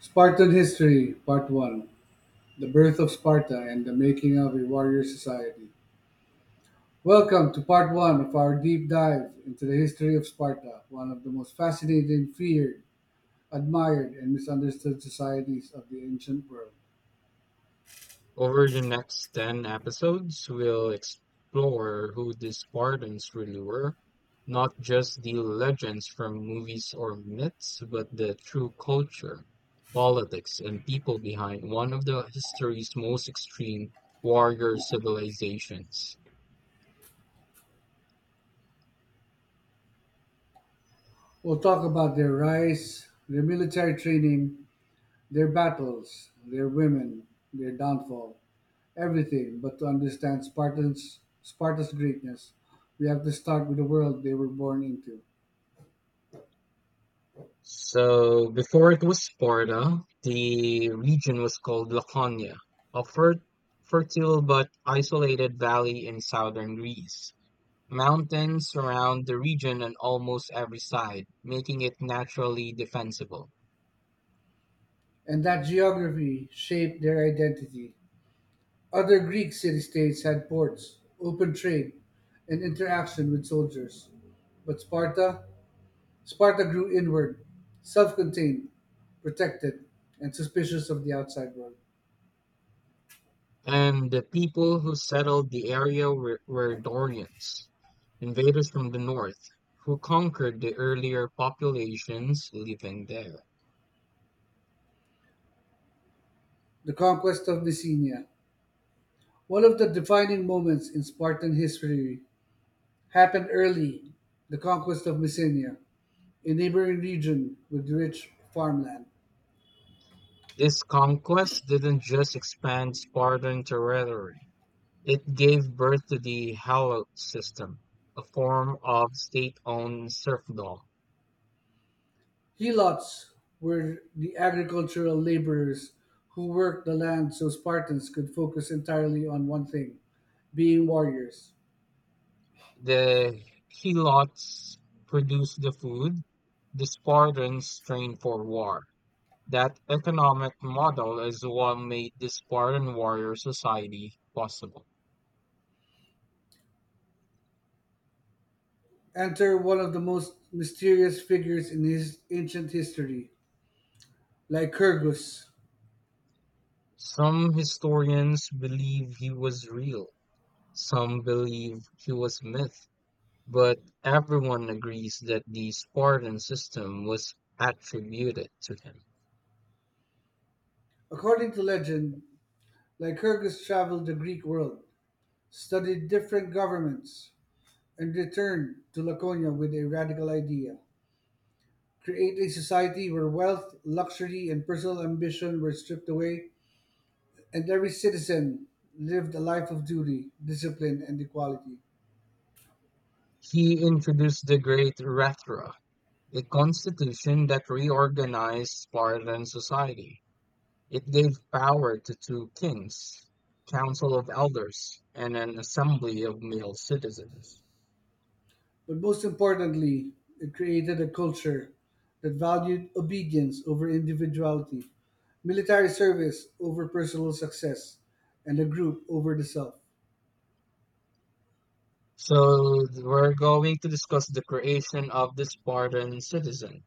Spartan History, Part 1. The Birth of Sparta and the Making of a Warrior Society. Welcome to Part 1 of our deep dive into the history of Sparta, one of the most fascinating, feared, admired, and misunderstood societies of the ancient world. Over the next 10 episodes, we'll explore who these Spartans really were, not just the legends from movies or myths, but the true culture, politics, and people behind one of the history's most extreme warrior civilizations. We'll talk about their rise, their military training, their battles, their women, their downfall, everything. But to understand Spartans, Sparta's greatness, we have to start with the world they were born into. So, before it was Sparta, the region was called Laconia, a fer- fertile but isolated valley in southern Greece. Mountains surround the region on almost every side, making it naturally defensible. And that geography shaped their identity. Other Greek city states had ports, open trade, and interaction with soldiers. But Sparta? Sparta grew inward, self contained, protected, and suspicious of the outside world. And the people who settled the area were Dorians, invaders from the north, who conquered the earlier populations living there. The conquest of Bithynia. One of the defining moments in Spartan history happened early, the conquest of Mycenae, a neighboring region with rich farmland. This conquest didn't just expand Spartan territory, it gave birth to the Helot system, a form of state owned serfdom. Helots were the agricultural laborers who worked the land so Spartans could focus entirely on one thing, being warriors. The helots produce the food, the Spartans train for war. That economic model is what made the Spartan warrior society possible. Enter one of the most mysterious figures in his ancient history, Lycurgus. Some historians believe he was real, some believe he was myth, but everyone agrees that the Spartan system was attributed to him. According to legend, Lycurgus traveled the Greek world, studied different governments, and returned to Laconia with a radical idea. Create a society where wealth, luxury, and personal ambition were stripped away and every citizen lived a life of duty, discipline, and equality. He introduced the great rhetoric, a constitution that reorganized Spartan society. It gave power to two kings, council of elders, and an assembly of male citizens. But most importantly, it created a culture that valued obedience over individuality, military service over personal success, and the group over the self. So we're going to discuss the creation of the Spartan citizen.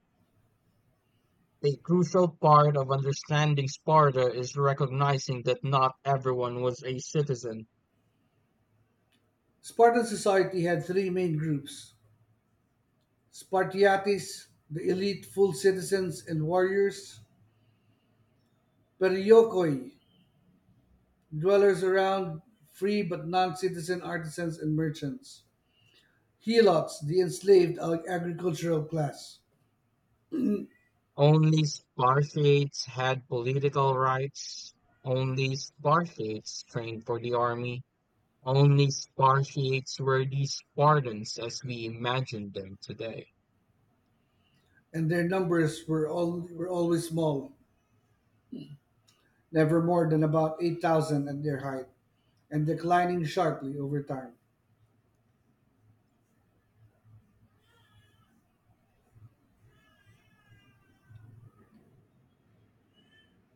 A crucial part of understanding Sparta is recognizing that not everyone was a citizen. Spartan society had three main groups: Spartiates, the elite full citizens and warriors; Periokoi, dwellers around, free but non citizen artisans and merchants; Helots, the enslaved agricultural class. Only Spartiates had political rights. Only Spartiates trained for the army. Only Spartiates were these Spartans as we imagine them today. And their numbers were always small, never more than about 8,000 at their height, and declining sharply over time.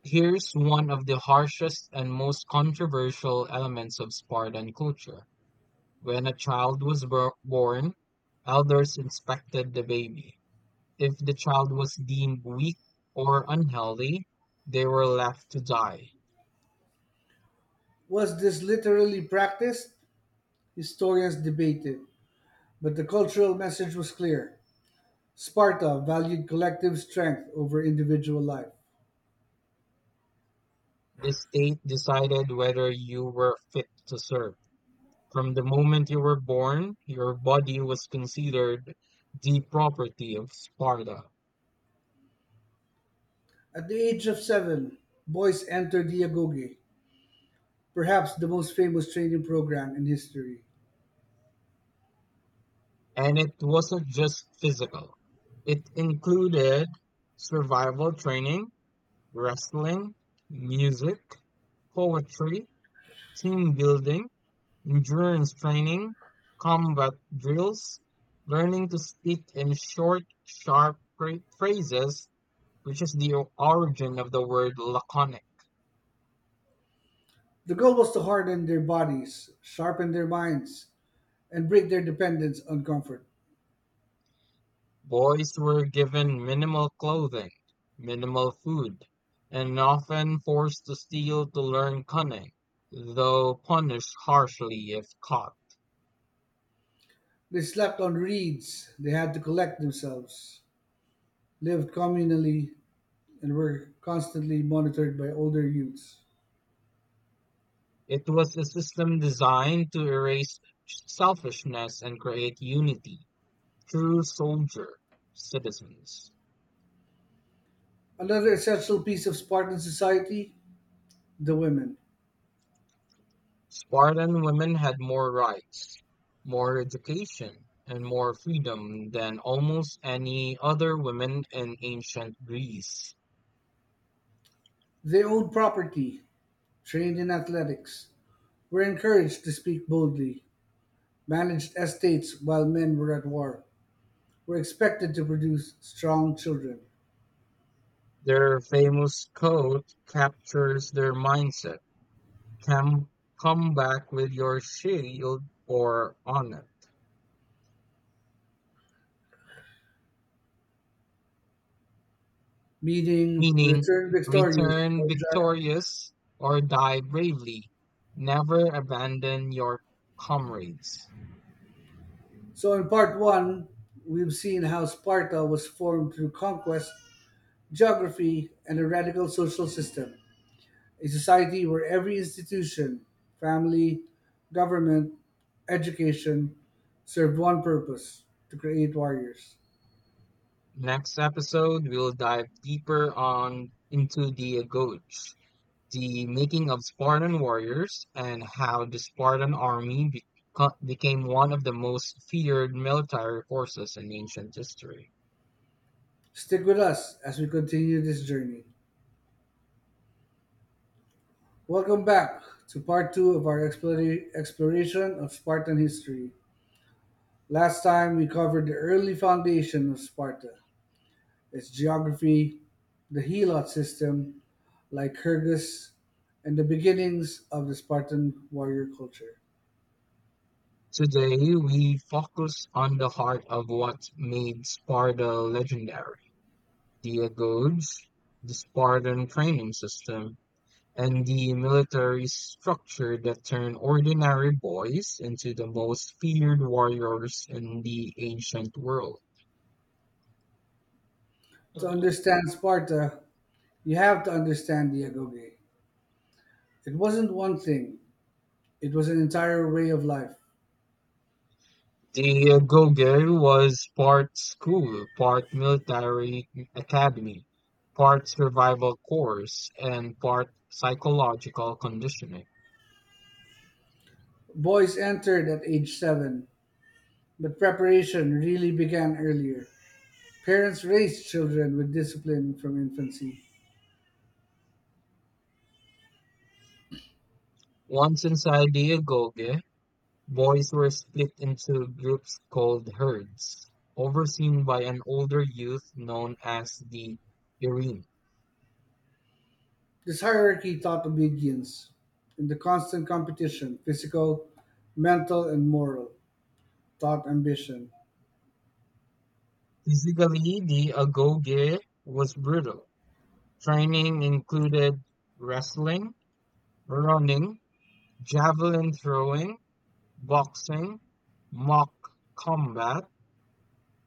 Here's one of the harshest and most controversial elements of Spartan culture. When a child was born, elders inspected the baby. If the child was deemed weak or unhealthy, they were left to die. Was this literally practiced? Historians debated, but the cultural message was clear. Sparta valued collective strength over individual life. The state decided whether you were fit to serve. From the moment you were born, your body was considered the property of Sparta. At the age of seven, boys entered the agoge, perhaps the most famous training program in history. And it wasn't just physical, it included survival training, wrestling, music, poetry, team building, endurance training, combat drills, learning to speak in short, sharp phrases, which is the origin of the word laconic. The goal was to harden their bodies, sharpen their minds, and break their dependence on comfort. Boys were given minimal clothing, minimal food, and often forced to steal to learn cunning, though punished harshly if caught. They slept on reeds, they had to collect themselves, lived communally, and were constantly monitored by older youths. It was a system designed to erase selfishness and create unity through soldier citizens. Another essential piece of Spartan society, the women. Spartan women had more rights, more education, and more freedom than almost any other women in ancient Greece. They owned property, trained in athletics, were encouraged to speak boldly, managed estates while men were at war, were expected to produce strong children. Their famous quote captures their mindset: "Come, come back with your shield or honor," Meaning meaning return victorious. return or gi- victorious or die bravely. Never abandon your comrades. So in part one, we've seen how Sparta was formed through conquest, geography, and a radical social system, a society where every institution, family, government, education, served one purpose, to create warriors. Next episode, we'll dive deeper on into the goats, the making of Spartan warriors and how the Spartan army became one of the most feared military forces in ancient history. Stick with us as we continue this journey. Welcome back to part two of our exploration of Spartan history. Last time we covered the early foundation of Sparta, its geography, the helot system, Lycurgus, and the beginnings of the Spartan warrior culture. Today, we focus on the heart of what made Sparta legendary, the agoge, the Spartan training system, and the military structure that turned ordinary boys into the most feared warriors in the ancient world. To understand Sparta, you have to understand the agoge. It wasn't one thing, it was an entire way of life. The Goguryeo was part school, part military academy, part survival course, and part psychological conditioning. Boys entered at age seven, but preparation really began earlier. Parents raised children with discipline from infancy. Once inside the agoge, boys were split into groups called herds, overseen by an older youth known as the Irene. This hierarchy taught obedience, and the constant competition, physical, mental, and moral, taught ambition. Physically, the agoge was brutal. Training included wrestling, running, javelin throwing, boxing, mock combat,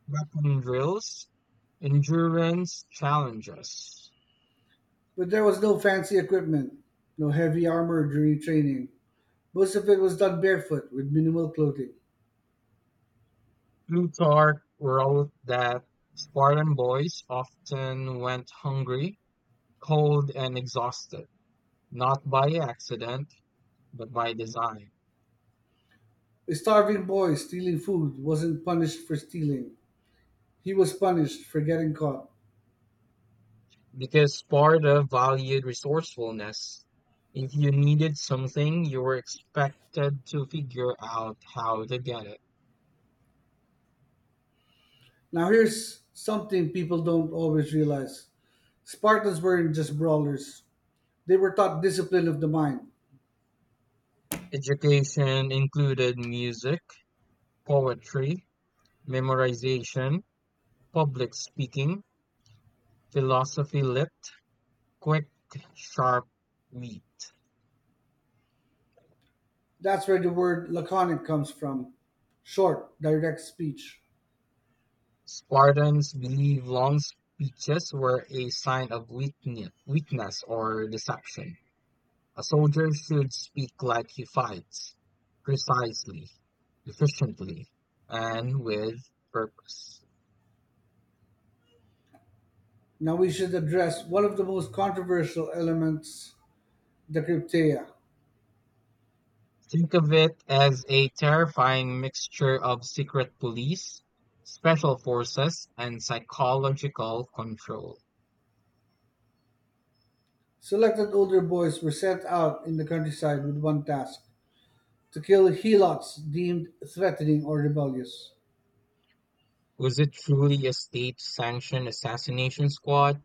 weapon drills, endurance challenges. But there was no fancy equipment, no heavy armor during training. Most of it was done barefoot with minimal clothing. Plutarch wrote that Spartan boys often went hungry, cold, and exhausted, not by accident, but by design. A starving boy stealing food wasn't punished for stealing, he was punished for getting caught. Because Sparta valued resourcefulness. If you needed something, you were expected to figure out how to get it. Now, here's something people don't always realize: Spartans weren't just brawlers, they were taught discipline of the mind. Education included music, poetry, memorization, public speaking, philosophy lit, quick, sharp wit. That's where the word laconic comes from, short, direct speech. Spartans believe long speeches were a sign of weakness or deception. A soldier should speak like he fights, precisely, efficiently, and with purpose. Now we should address one of the most controversial elements, the cryptea. Think of it as a terrifying mixture of secret police, special forces, and psychological control. Selected older boys were sent out in the countryside with one task, to kill helots deemed threatening or rebellious. Was it truly a state-sanctioned assassination squad?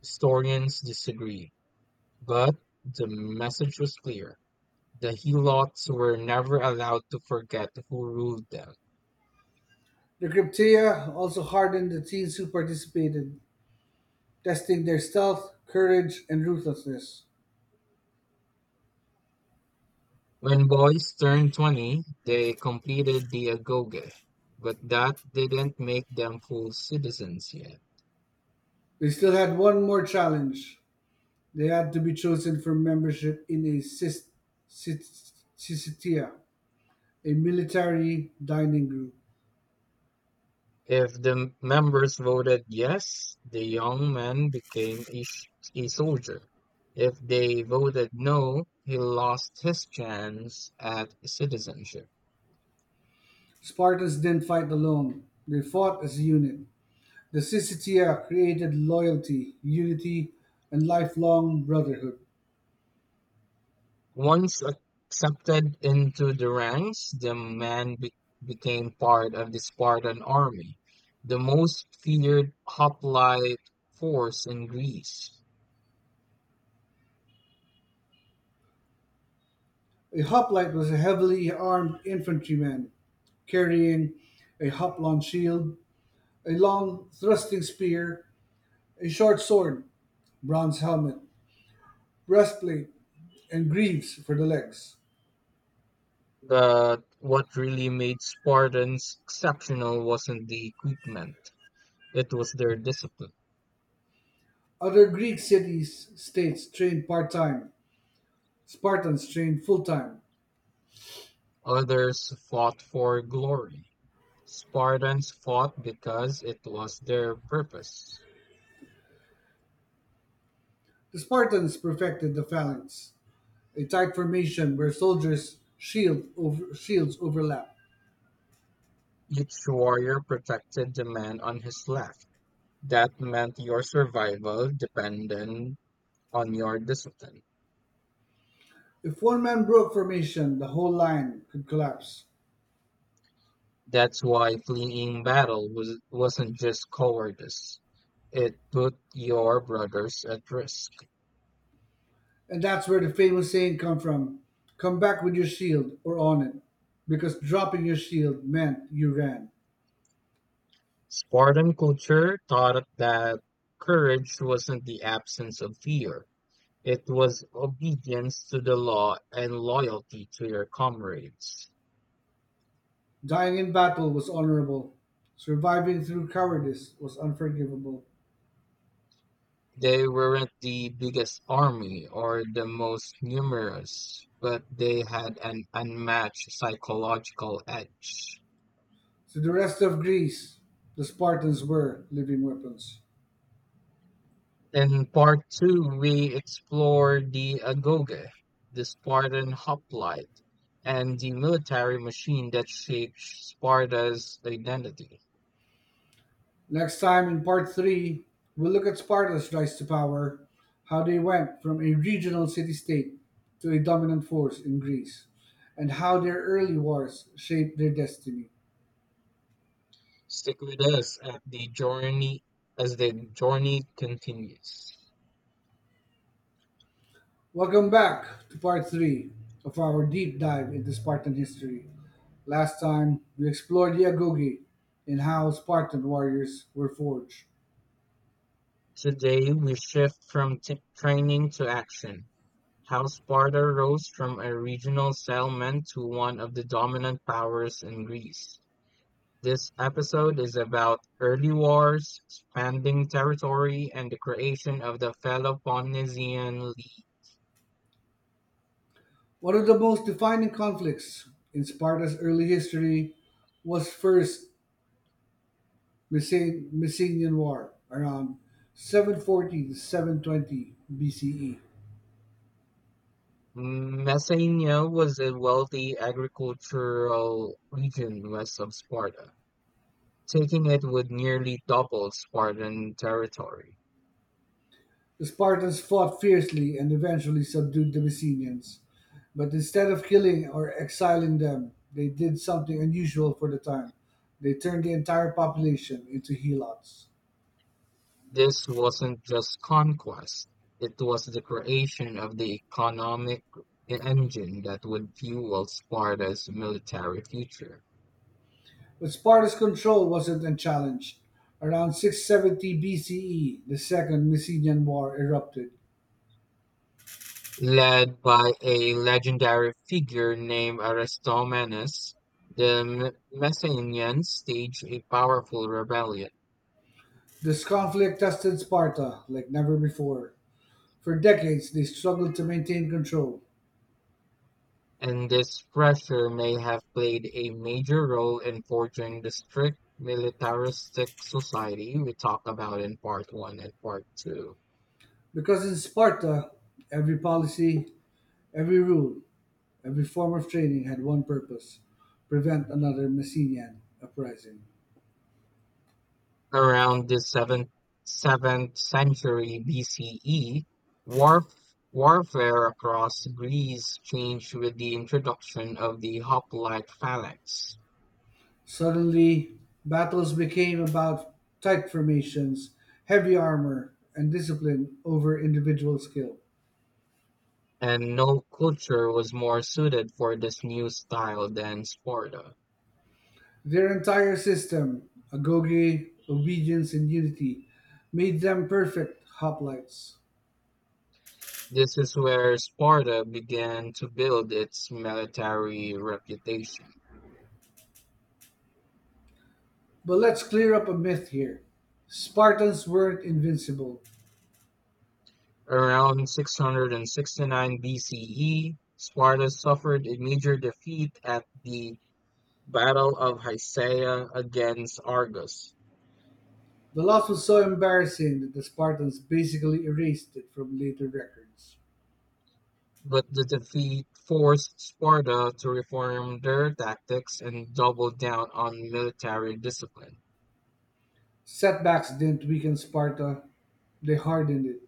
Historians disagree, but the message was clear. The Helots were never allowed to forget who ruled them. The cryptea also hardened the teens who participated, testing their stealth, courage, and ruthlessness. When boys turned 20, they completed the agoge, but that didn't make them full citizens yet. They still had one more challenge. They had to be chosen from membership in a Syssitia, a military dining group. If the members voted yes, the young man became a soldier. If they voted no, he lost his chance at citizenship. Spartans didn't fight alone, they fought as a unit. The Syssitia created loyalty, unity, and lifelong brotherhood. Once accepted into the ranks, the man became part of the Spartan army, the most feared hoplite force in Greece. A hoplite was a heavily armed infantryman carrying a hoplon shield, a long thrusting spear, a short sword, bronze helmet, breastplate, and greaves for the legs. But what really made Spartans exceptional wasn't the equipment, it was their discipline. Other Greek cities states trained part time, Spartans trained full time. Others fought for glory. Spartans fought because it was their purpose. The Spartans perfected the phalanx, a tight formation where shields overlap. Each warrior protected the man on his left. That meant your survival depended on your discipline. If one man broke formation, the whole line could collapse. That's why fleeing battle wasn't just cowardice. It put your brothers at risk. And that's where the famous saying come from, come back with your shield or on it, because dropping your shield meant you ran. Spartan culture taught that courage wasn't the absence of fear. It was obedience to the law and loyalty to your comrades. Dying in battle was honorable, surviving through cowardice was unforgivable. They weren't the biggest army or the most numerous, but they had an unmatched psychological edge. To the rest of Greece, the Spartans were living weapons. In part two, we explore the agoge, the Spartan hoplite, and the military machine that shaped Sparta's identity. Next time in part three, we'll look at Sparta's rise to power, how they went from a regional city state to a dominant force in Greece, and how their early wars shaped their destiny. Stick with us at the journey as the journey continues. Welcome back to part three of our deep dive into Spartan history. Last time, we explored the agoge and how Spartan warriors were forged. Today we shift from training to action: how Sparta rose from a regional settlement to one of the dominant powers in Greece. This episode is about early wars, expanding territory, and the creation of the Peloponnesian League. One of the most defining conflicts in Sparta's early history was First Mycenaean War around 740 to 720 BCE. Messenia was a wealthy agricultural region west of Sparta, taking it would nearly double Spartan territory. The Spartans fought fiercely and eventually subdued the Mycenaeans, but instead of killing or exiling them, they did something unusual for the time. They turned the entire population into helots. This wasn't just conquest, it was the creation of the economic engine that would fuel Sparta's military future. But Sparta's control wasn't unchallenged. Around 670 BCE, the Second Mycenian War erupted. Led by a legendary figure named Aristomenes, the Messenians staged a powerful rebellion, This conflict tested Sparta like never before. For decades, they struggled to maintain control. and this pressure may have played a major role in forging the strict militaristic society we talked about in part 1 and part 2. Because in Sparta, every policy, every rule, every form of training had one purpose, prevent another Messenian uprising. Around the seventh century BCE, warfare across Greece changed with the introduction of the hoplite phalanx, Suddenly, battles became about tight formations, heavy armor, and discipline over individual skill. and no culture was more suited for this new style than Sparta. Their entire system, agoge, obedience, and unity, made them perfect hoplites. This is where Sparta began to build its military reputation. But let's clear up a myth here. Spartans weren't invincible. Around 669 BCE, Sparta suffered a major defeat at the Battle of Hysaia against Argos, The loss was so embarrassing that the Spartans basically erased it from later records. but the defeat forced Sparta to reform their tactics and double down on military discipline. Setbacks didn't weaken Sparta, they hardened it.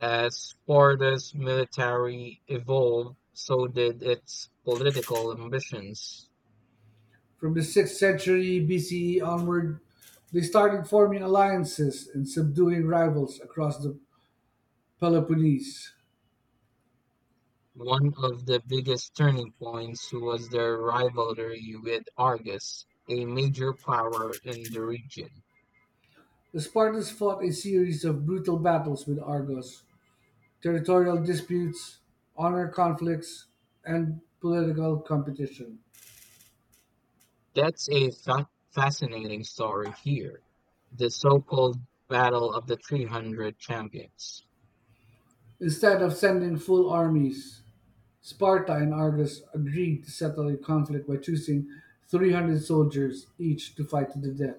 As Sparta's military evolved, so did its political ambitions. From the 6th century BCE onward, they started forming alliances and subduing rivals across the Peloponnese. One of the biggest turning points was their rivalry with Argos, a major power in the region. The Spartans fought a series of brutal battles with Argos, territorial disputes, honor conflicts, and political competition. That's a fa fascinating story here. The so-called Battle of the 300 Champions. Instead of sending full armies, Sparta and Argos agreed to settle the conflict by choosing 300 soldiers each to fight to the death.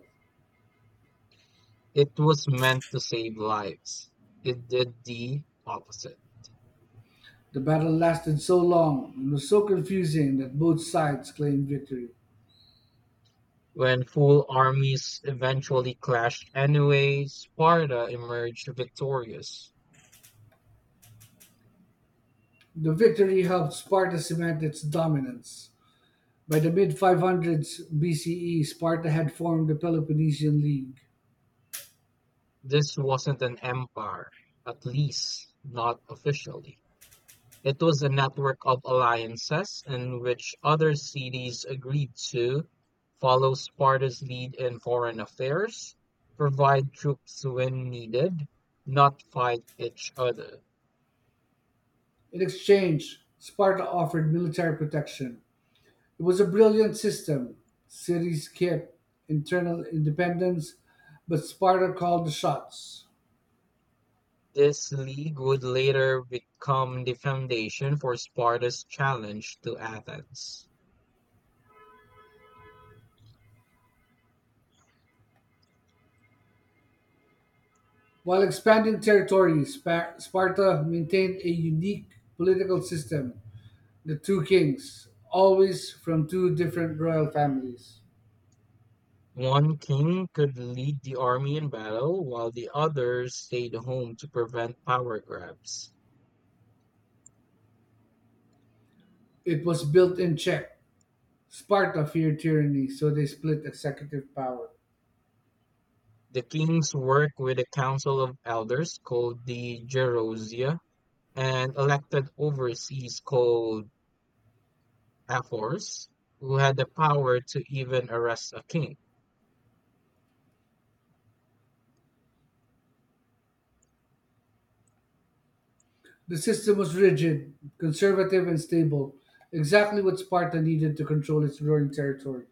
It was meant to save lives. It did the opposite. The battle lasted so long and was so confusing that both sides claimed victory. When full armies eventually clashed anyway, Sparta emerged victorious. The victory helped Sparta cement its dominance. By the mid 500s BCE, Sparta had formed the Peloponnesian League. This wasn't an empire, at least not officially. It was a network of alliances in which other cities agreed to follow Sparta's lead in foreign affairs, provide troops when needed, not fight each other. In exchange, Sparta offered military protection. It was a brilliant system. Cities kept internal independence, but Sparta called the shots. This league would later become the foundation for Sparta's challenge to Athens. While expanding territory, Sparta maintained a unique political system, the two kings, always from two different royal families. One king could lead the army in battle while the others stayed home to prevent power grabs. It was built in check. Sparta feared tyranny, so they split executive power. The kings worked with a council of elders called the Gerousia and elected overseers called ephors, who had the power to even arrest a king. The system was rigid, conservative, and stable, exactly what Sparta needed to control its growing territory.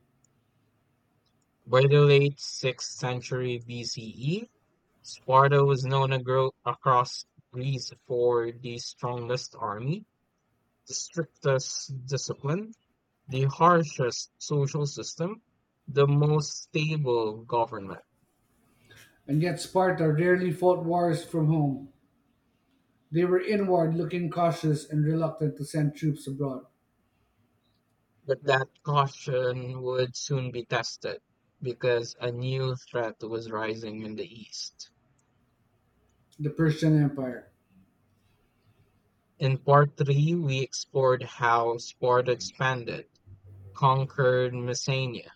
By the late 6th century BCE, Sparta was known across Greece for the strongest army, the strictest discipline, the harshest social system, the most stable government. And yet, Sparta rarely fought wars from home. They were inward looking, cautious, and reluctant to send troops abroad. But that caution would soon be tested because a new threat was rising in the east. The Persian Empire. In part three, we explored how Sparta expanded, conquered Messenia,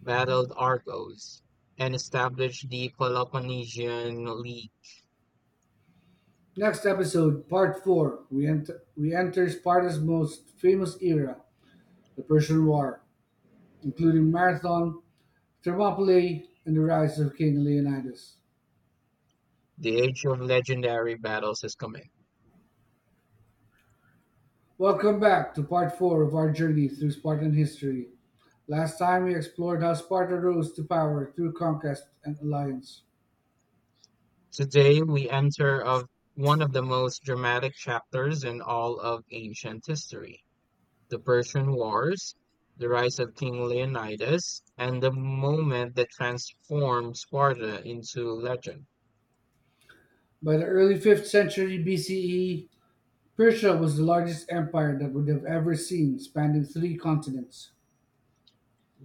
battled Argos, and established the Peloponnesian League. Next episode, part 4, we enter Sparta's most famous era, the Persian War, including Marathon, Thermopylae, and the rise of King Leonidas. The age of legendary battles is coming. Welcome back to part four of our journey through Spartan history. Last time we explored how Sparta rose to power through conquest and alliance. Today, we enter of one of the most dramatic chapters in all of ancient history, the Persian Wars, the rise of King Leonidas, and the moment that transformed Sparta into legend. By the early 5th century BCE, Persia was the largest empire that would have ever seen, spanning three continents.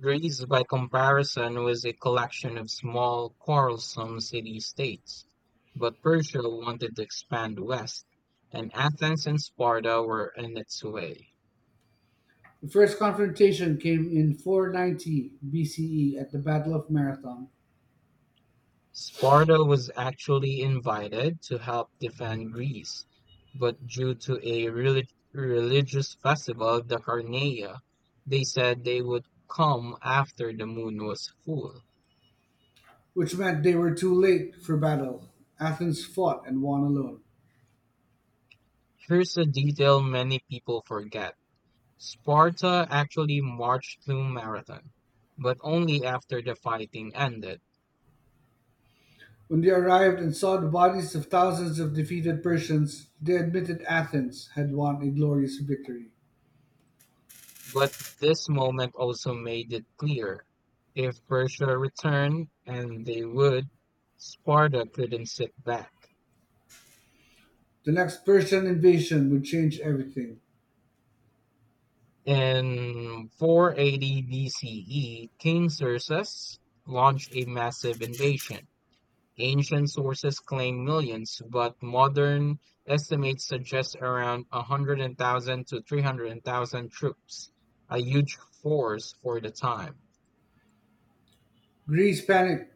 Greece, by comparison, was a collection of small, quarrelsome city states. But Persia wanted to expand west, and Athens and Sparta were in its way. The first confrontation came in 490 BCE at the Battle of Marathon, Sparta was actually invited to help defend Greece, but due to a religious festival, the Carneia, they said they would come after the moon was full. which meant they were too late for battle. Athens fought and won alone. Here's a detail many people forget. Sparta actually marched to Marathon, but only after the fighting ended. When they arrived and saw the bodies of thousands of defeated Persians, they admitted Athens had won a glorious victory. But this moment also made it clear, if Persia returned, and they would, Sparta couldn't sit back. The next Persian invasion would change everything. In 480 BCE, King Xerxes launched a massive invasion. Ancient sources claim millions, but modern estimates suggest around 100,000 to 300,000 troops, a huge force for the time. Greece panicked,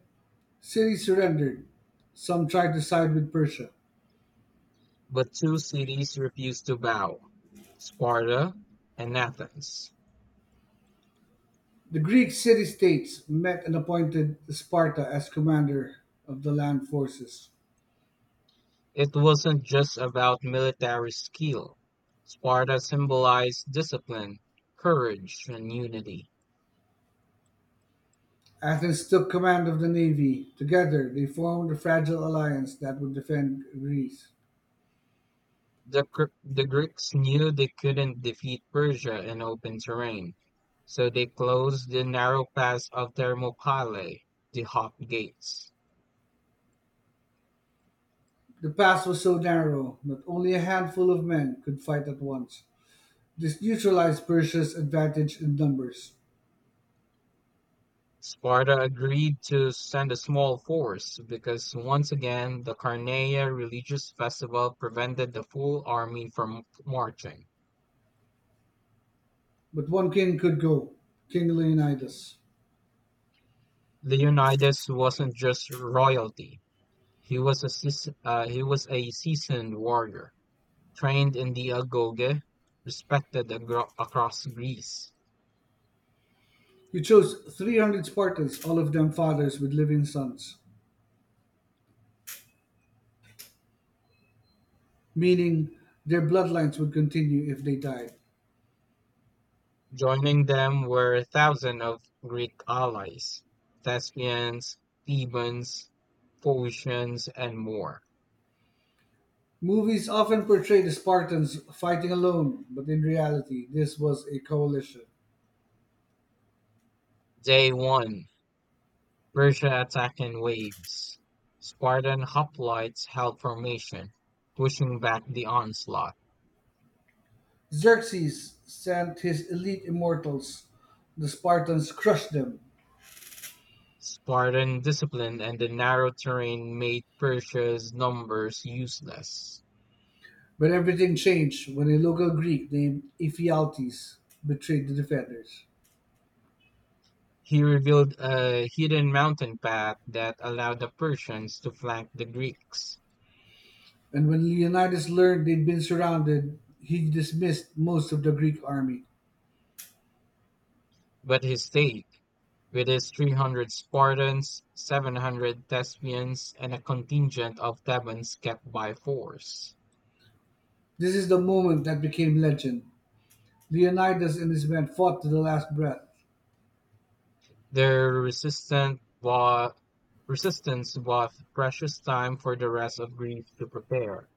cities surrendered, some tried to side with Persia. But two cities refused to bow, Sparta and Athens. The Greek city states met and appointed Sparta as commander of the land forces. It wasn't just about military skill. Sparta symbolized discipline, courage, and unity. Athens took command of the navy. Together, they formed a fragile alliance that would defend Greece. The Greeks knew they couldn't defeat Persia in open terrain, so they closed the narrow pass of Thermopylae, the Hot Gates. The pass was so narrow that only a handful of men could fight at once. This neutralized Persia's advantage in numbers. Sparta agreed to send a small force because once again the Carneia religious festival prevented the full army from marching. But one king could go, King Leonidas. Leonidas wasn't just royalty; he was a seasoned warrior, trained in the agoge, respected across Greece. He chose 300 Spartans, all of them fathers with living sons, meaning their bloodlines would continue if they died. Joining them were thousands of Greek allies, Thespians, Thebans, Phoenicians, and more. Movies often portray the Spartans fighting alone, but in reality, this was a coalition. Day one. Persia attacked in waves. Spartan hoplites held formation, pushing back the onslaught. Xerxes sent his elite immortals. The Spartans crushed them. Spartan discipline and the narrow terrain made Persia's numbers useless. But everything changed when a local Greek named Ephialtes betrayed the defenders. He revealed a hidden mountain path that allowed the Persians to flank the Greeks, And when Leonidas learned they'd been surrounded, he dismissed most of the Greek army. but he stayed with his 300 Spartans, 700 Thespians, and a contingent of Thebans kept by force. This is the moment that became legend. Leonidas and his men fought to the last breath. Their resistant wa- resistance bought precious time for the rest of Greece to prepare.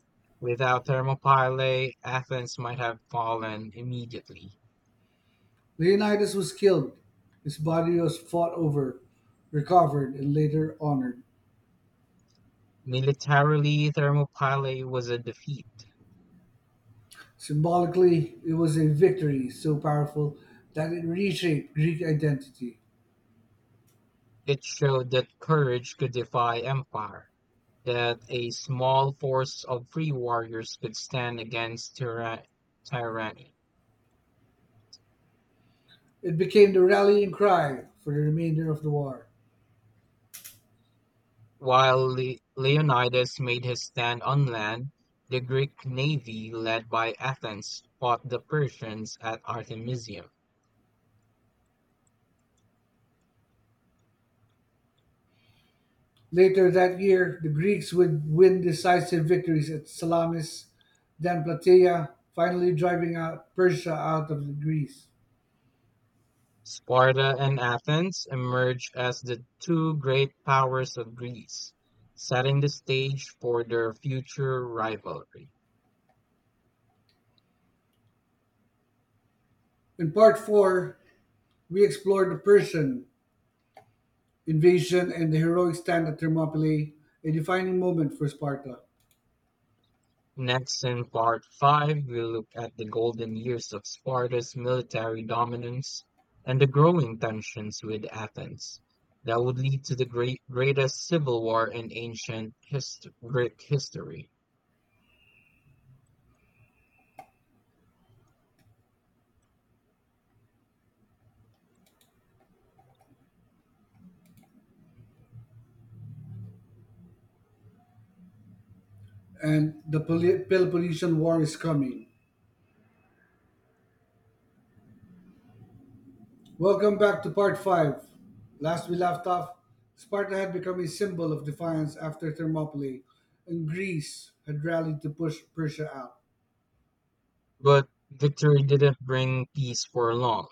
Without Thermopylae, Athens might have fallen immediately. Leonidas was killed. His body was fought over, recovered, and later honored. Militarily, Thermopylae was a defeat. Symbolically, it was a victory so powerful that it reshaped Greek identity. It showed that courage could defy empire, that a small force of free warriors could stand against tyranny. It became the rallying cry for the remainder of the war. While Leonidas made his stand on land, the Greek navy led by Athens fought the Persians at Artemisium. Later that year, the Greeks would win decisive victories at Salamis, then Plataea, finally driving out Persia out of Greece. Sparta and Athens emerged as the two great powers of Greece, setting the stage for their future rivalry. In part four, we explored the Persian invasion and the heroic stand at Thermopylae, a defining moment for Sparta. Next in part five, we'll look at the golden years of Sparta's military dominance and the growing tensions with Athens that would lead to the greatest civil war in ancient Greek history. And the Peloponnesian War is coming. Welcome back to part 5. Last we left off, Sparta had become a symbol of defiance after Thermopylae, and Greece had rallied to push Persia out. But victory didn't bring peace for long.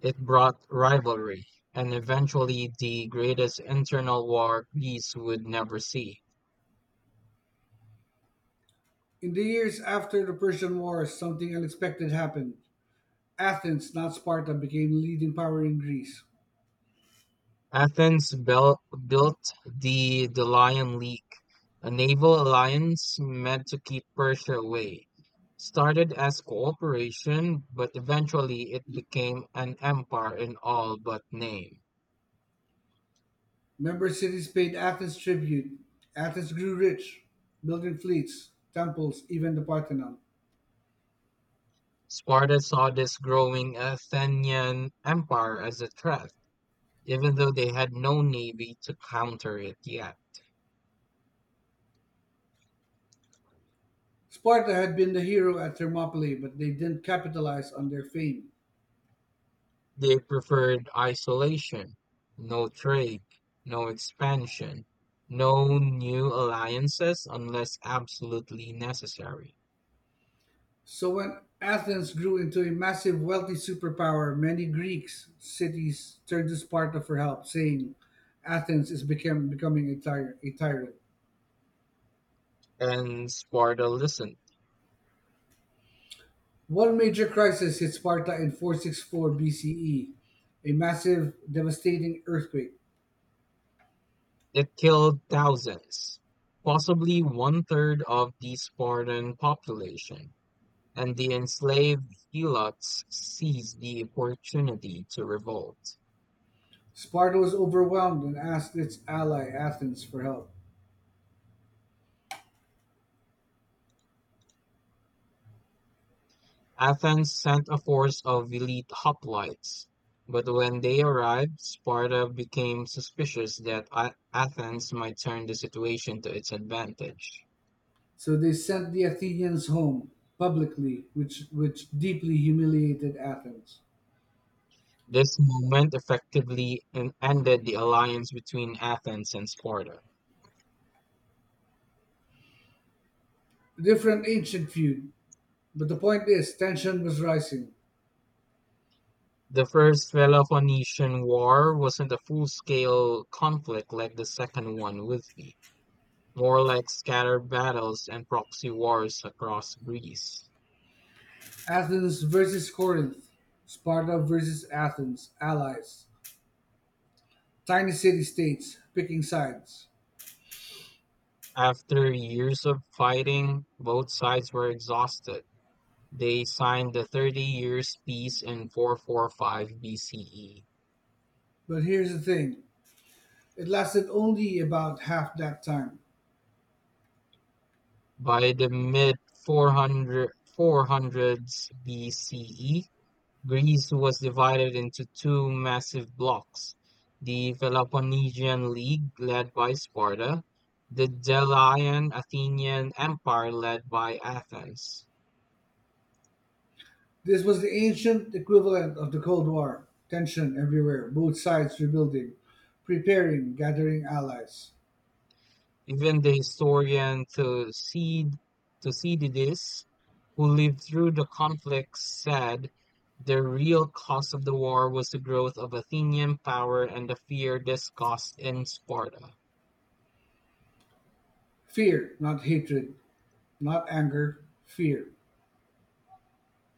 It brought rivalry and eventually the greatest internal war peace would never see. In the years after the Persian Wars, something unexpected happened. Athens, not Sparta, became the leading power in Greece. Athens built, built the Delian League, a naval alliance meant to keep Persia away. Started as cooperation, but eventually it became an empire in all but name. Member cities paid Athens tribute. Athens grew rich, building fleets, temples, even the Parthenon. Sparta saw this growing Athenian empire as a threat, even though they had no navy to counter it yet. Sparta had been the hero at Thermopylae, but they didn't capitalize on their fame. They preferred isolation, no trade, no expansion, no new alliances unless absolutely necessary. So when Athens grew into a massive wealthy superpower, many Greeks cities turned to Sparta for help, saying Athens is becoming a tyrant. And Sparta listened. One major crisis hit Sparta in 464 BCE, a massive, devastating earthquake. It killed thousands, possibly one third of the Spartan population, and the enslaved helots seized the opportunity to revolt. Sparta was overwhelmed and asked its ally Athens for help. Athens sent a force of elite hoplites, but when they arrived, Sparta became suspicious that Athens might turn the situation to its advantage. So they sent the Athenians home publicly, which deeply humiliated Athens. This moment effectively ended the alliance between Athens and Sparta. Different ancient feud. But the point is, tension was rising. The First Peloponnesian War wasn't a full scale conflict like the second one would be, more like scattered battles and proxy wars across Greece. Athens versus Corinth, Sparta versus Athens, allies, tiny city states picking sides. After years of fighting, both sides were exhausted. They signed the 30 Years' Peace in 445 BCE. But here's the thing: it lasted only about half that time. By the mid 400, 400s BCE, Greece was divided into two massive blocks: the Peloponnesian League, led by Sparta, the Delian Athenian Empire, led by Athens. This was the ancient equivalent of the Cold War: tension everywhere, both sides rebuilding, preparing, gathering allies. Even the historian Thucydides, who lived through the conflicts, said the real cause of the war was the growth of Athenian power and the fear this caused in Sparta. Fear, not hatred, not anger, fear.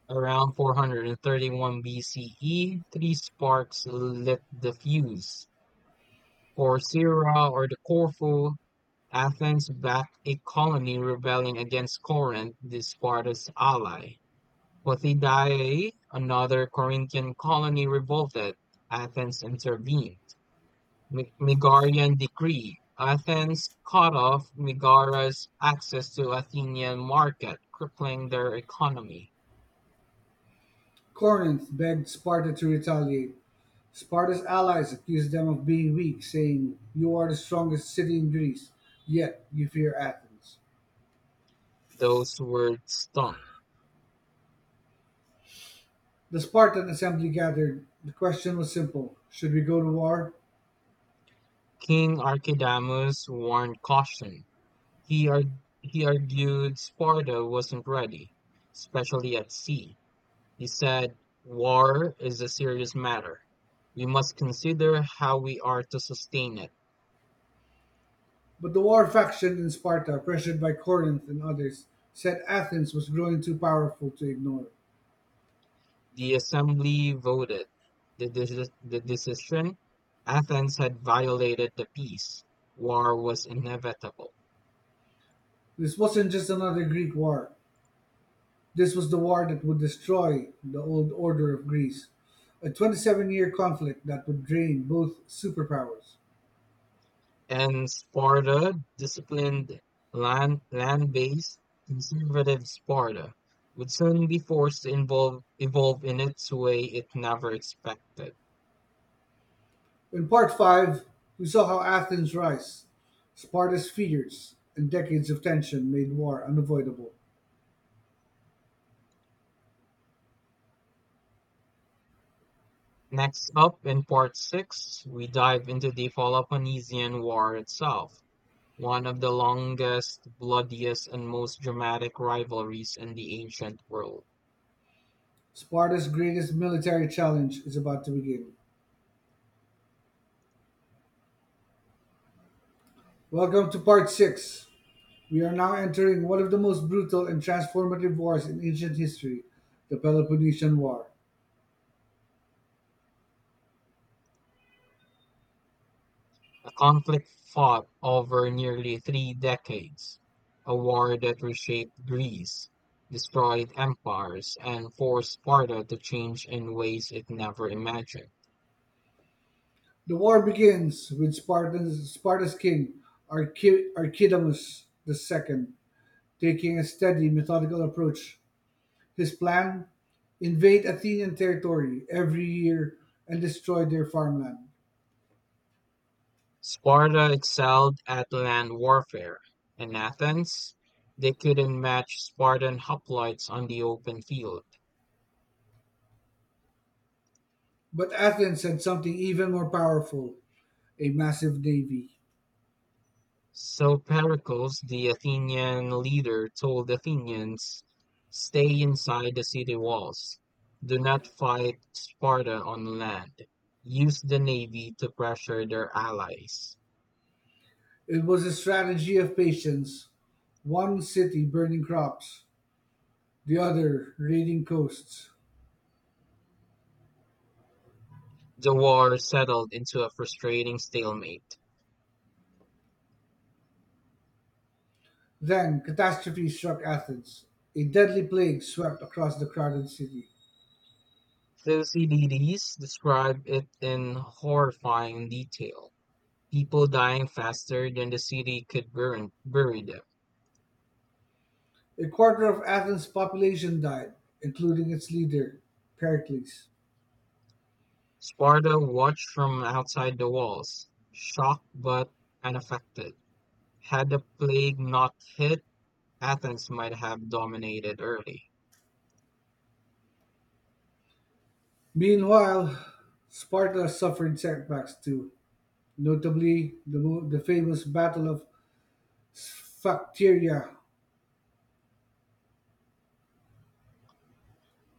Around 431 BCE, three sparks lit the fuse. Corcyra or the Corfu, Athens backed a colony rebelling against Corinth, the Sparta's ally. Pothidae, another Corinthian colony, revolted. Athens intervened. Megarian decree. Athens cut off Megara's access to Athenian market, crippling their economy. Corinth begged Sparta to retaliate. Sparta's allies accused them of being weak, saying, "You are the strongest city in Greece, yet you fear Athens." Those words stung. The Spartan assembly gathered. The question was simple: should we go to war? King Archidamus warned caution. He, ar- he argued Sparta wasn't ready, especially at sea. He said, war is a serious matter. We must consider how we are to sustain it. But the war faction in Sparta, pressured by Corinth and others, said Athens was growing too powerful to ignore. The assembly voted the decision. Athens had violated the peace. War was inevitable. This wasn't just another Greek war, this was the war that would destroy the old order of Greece. A 27-year conflict that would drain both superpowers. And Sparta disciplined land based conservative Sparta would soon be forced to involve evolve in its way it never expected. In Part Five, we saw how Athens' rise, Sparta's fears, and decades of tension made war unavoidable. Next up, in part 6, we dive into the Peloponnesian War itself, one of the longest, bloodiest, and most dramatic rivalries in the ancient world. Sparta's greatest military challenge is about to begin. Welcome to Part Six. We are now entering one of the most brutal and transformative wars in ancient history, the Peloponnesian War. A conflict fought over nearly three decades, a war that reshaped Greece, destroyed empires, and forced Sparta to change in ways it never imagined. The war begins with Sparta's king, Archidamus II, taking a steady, methodical approach. His plan: invade Athenian territory every year and destroy their farmland. Sparta excelled at land warfare; in Athens, they couldn't match Spartan hoplites on the open field. But Athens had something even more powerful: a massive navy. So Pericles, the Athenian leader, told Athenians, stay inside the city walls. Do not fight Sparta on land. Use the navy to pressure their allies. It was a strategy of patience: one city burning crops, the other raiding coasts. The war settled into a frustrating stalemate. Then catastrophe struck Athens. A deadly plague swept across the crowded city. Thucydides described it in horrifying detail. People dying faster than the city could bury them. A quarter of Athens' population died, including its leader, Pericles. Sparta watched from outside the walls, shocked but unaffected. Had the plague not hit, Athens might have dominated early. Meanwhile, Sparta suffered setbacks too, notably the famous Battle of Sphacteria.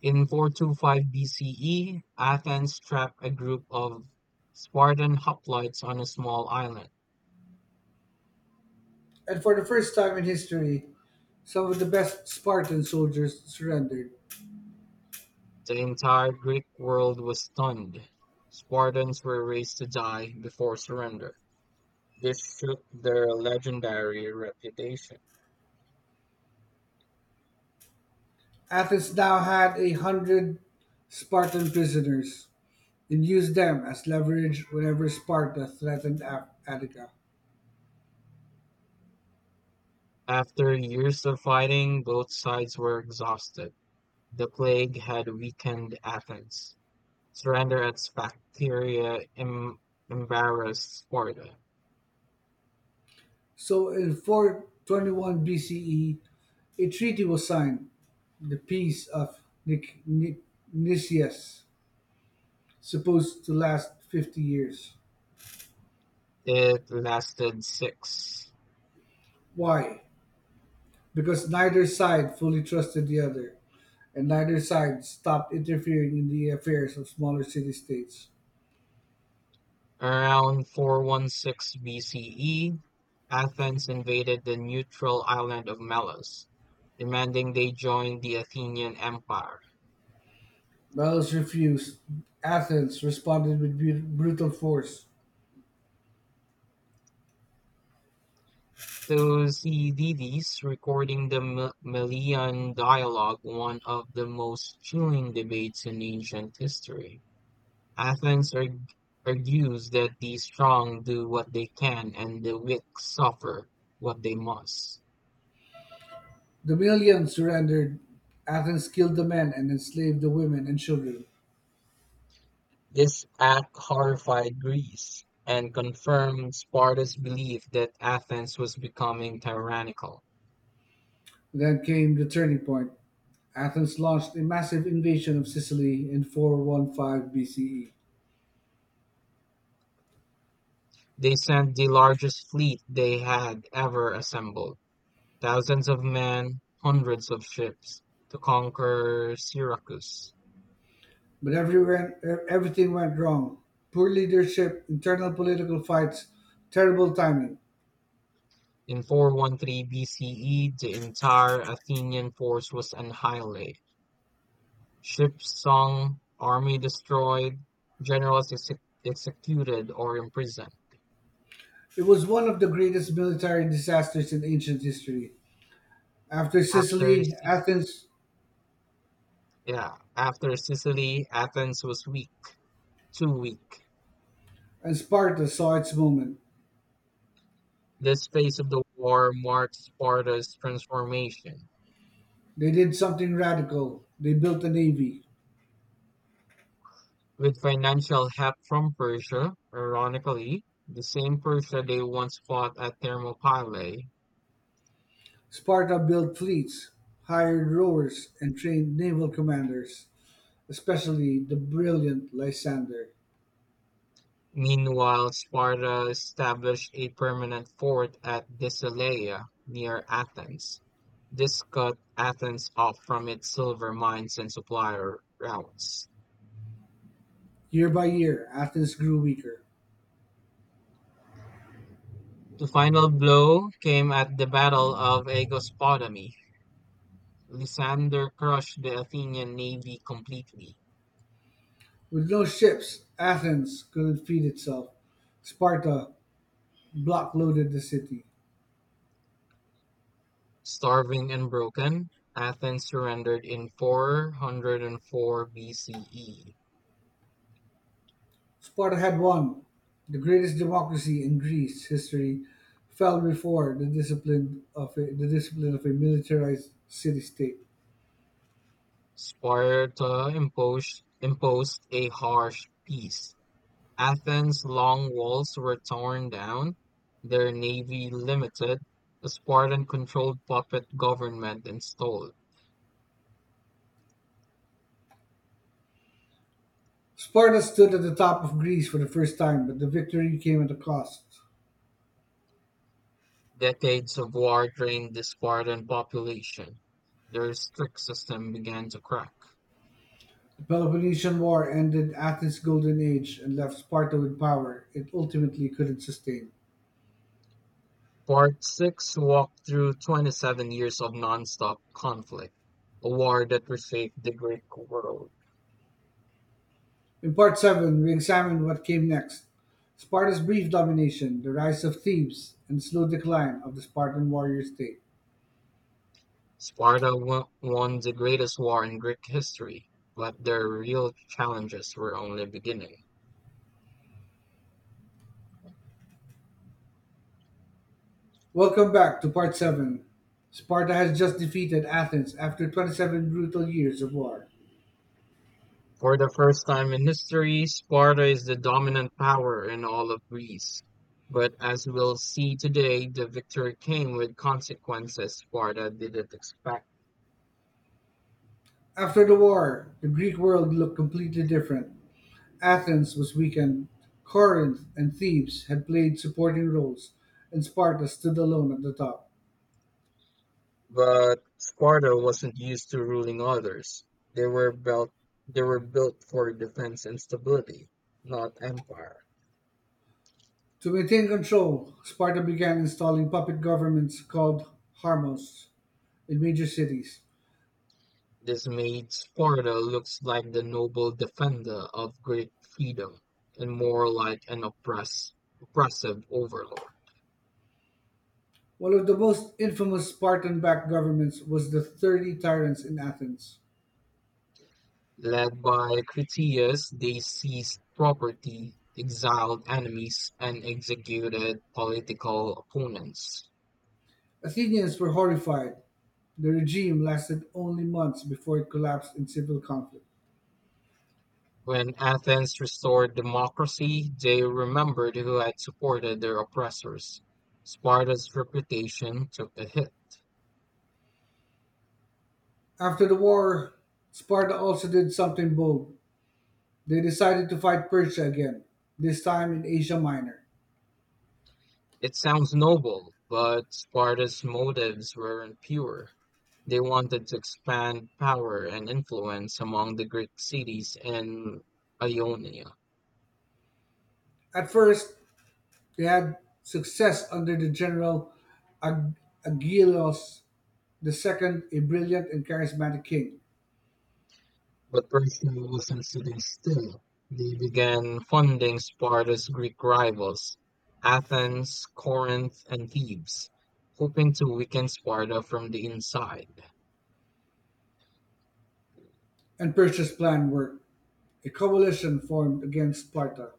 In 425 BCE, Athens trapped a group of Spartan hoplites on a small island. And for the first time in history, some of the best Spartan soldiers surrendered. The entire Greek world was stunned. Spartans were raised to die before surrender. This shook their legendary reputation. Athens now had 100 Spartan prisoners and used them as leverage whenever Sparta threatened Attica. After years of fighting, both sides were exhausted. The plague had weakened Athens. Surrender at Sphacteria embarrassed Sparta. So in 421 BCE, a treaty was signed, the Peace of Nic- Nic- Nicias, supposed to last 50 years. It lasted six. Why? Because neither side fully trusted the other, and neither side stopped interfering in the affairs of smaller city states. Around 416 BCE, Athens invaded the neutral island of Melos, demanding they join the Athenian Empire. Belus refused. Athens responded with brutal force. Thucydides recording the Melian dialogue, one of the most chilling debates in ancient history. Athens arg- argues that the strong do what they can and the weak suffer what they must. The millions surrendered. Athens killed the men and enslaved the women and children. This act horrified Greece and confirmed Sparta's belief that Athens was becoming tyrannical. Then came the turning point. Athens launched a massive invasion of Sicily in 415 BCE. They sent the largest fleet they had ever assembled. Thousands of men, hundreds of ships, to conquer Syracuse. But everything went wrong. Poor leadership, internal political fights, terrible timing. In 413 BCE, the entire Athenian force was annihilated, ships sunk, army destroyed, generals executed or imprisoned. It was one of the greatest military disasters in ancient history. After After Sicily, Sic- Athens, yeah, After Sicily, Athens was weak, too weak. and Sparta saw its moment, This phase of the war marked Sparta's transformation. they did something radical. They built a navy. With financial help from Persia, ironically, the same Persia they once fought at Thermopylae. Sparta built fleets, hired rowers, and trained naval commanders, especially the brilliant Lysander. Meanwhile, Sparta established a permanent fort at Desileia near Athens. This cut Athens off from its silver mines and supply routes. Year by year, Athens grew weaker. The final blow came at the Battle of Agospotami. Lysander crushed the Athenian navy completely. With no ships, Athens couldn't feed itself. Sparta blockaded the city. Starving and broken, Athens surrendered in 404 BCE. Sparta had won. The greatest democracy in Greece history fell before the discipline of a militarized city-state. Sparta imposed a harsh peace. Athens' long walls were torn down, their navy limited, the Spartan controlled puppet government installed. Sparta stood at the top of Greece for the first time, but the victory came at a cost. Decades of war drained the Spartan population. Their strict system began to crack. The Peloponnesian War ended Athens' golden age and left Sparta with power it ultimately couldn't sustain. Part Six walked through 27 years of nonstop conflict, a war that reshaped the Greek world. In part seven, we examined what came next: Sparta's brief domination, the rise of Thebes, and slow decline of the Spartan warrior state. Won the greatest war in Greek history, but their real challenges were only beginning. Welcome back to part seven. Sparta has just defeated Athens after 27 brutal years of war. For the first time in history, Sparta is the dominant power in all of Greece. But as we'll see today, the victory came with consequences Sparta didn't expect. After the war, the Greek world looked completely different. Athens was weakened, Corinth and Thebes had played supporting roles, and Sparta stood alone at the top. But Sparta wasn't used to ruling others. They were built they were built for defense and stability, not empire. To maintain control, Sparta began installing puppet governments called harmos. In major cities. This made Sparta looks like the noble defender of Greek freedom and more like an oppressive overlord. One of the most infamous Spartan backed governments was the 30 Tyrants in Athens. Led by Critias, they seized property, exiled enemies, and executed political opponents. Athenians were horrified. The regime lasted only months before it collapsed in civil conflict. When Athens restored democracy, they remembered who had supported their oppressors. Sparta's reputation took a hit. After the war, Sparta also did something bold. They decided to fight Persia again, this time in Asia Minor. It sounds noble, but Sparta's motives weren't pure. They wanted to expand power and influence among the Greek cities in Ionia. At first, they had success under the general Ag- Agelaus the II, a brilliant and charismatic king, But Persia wasn't sitting still. They began funding Sparta's Greek rivals, Athens, Corinth, and Thebes, hoping to weaken Sparta from the inside. and Persia's plan worked. A coalition formed against Sparta: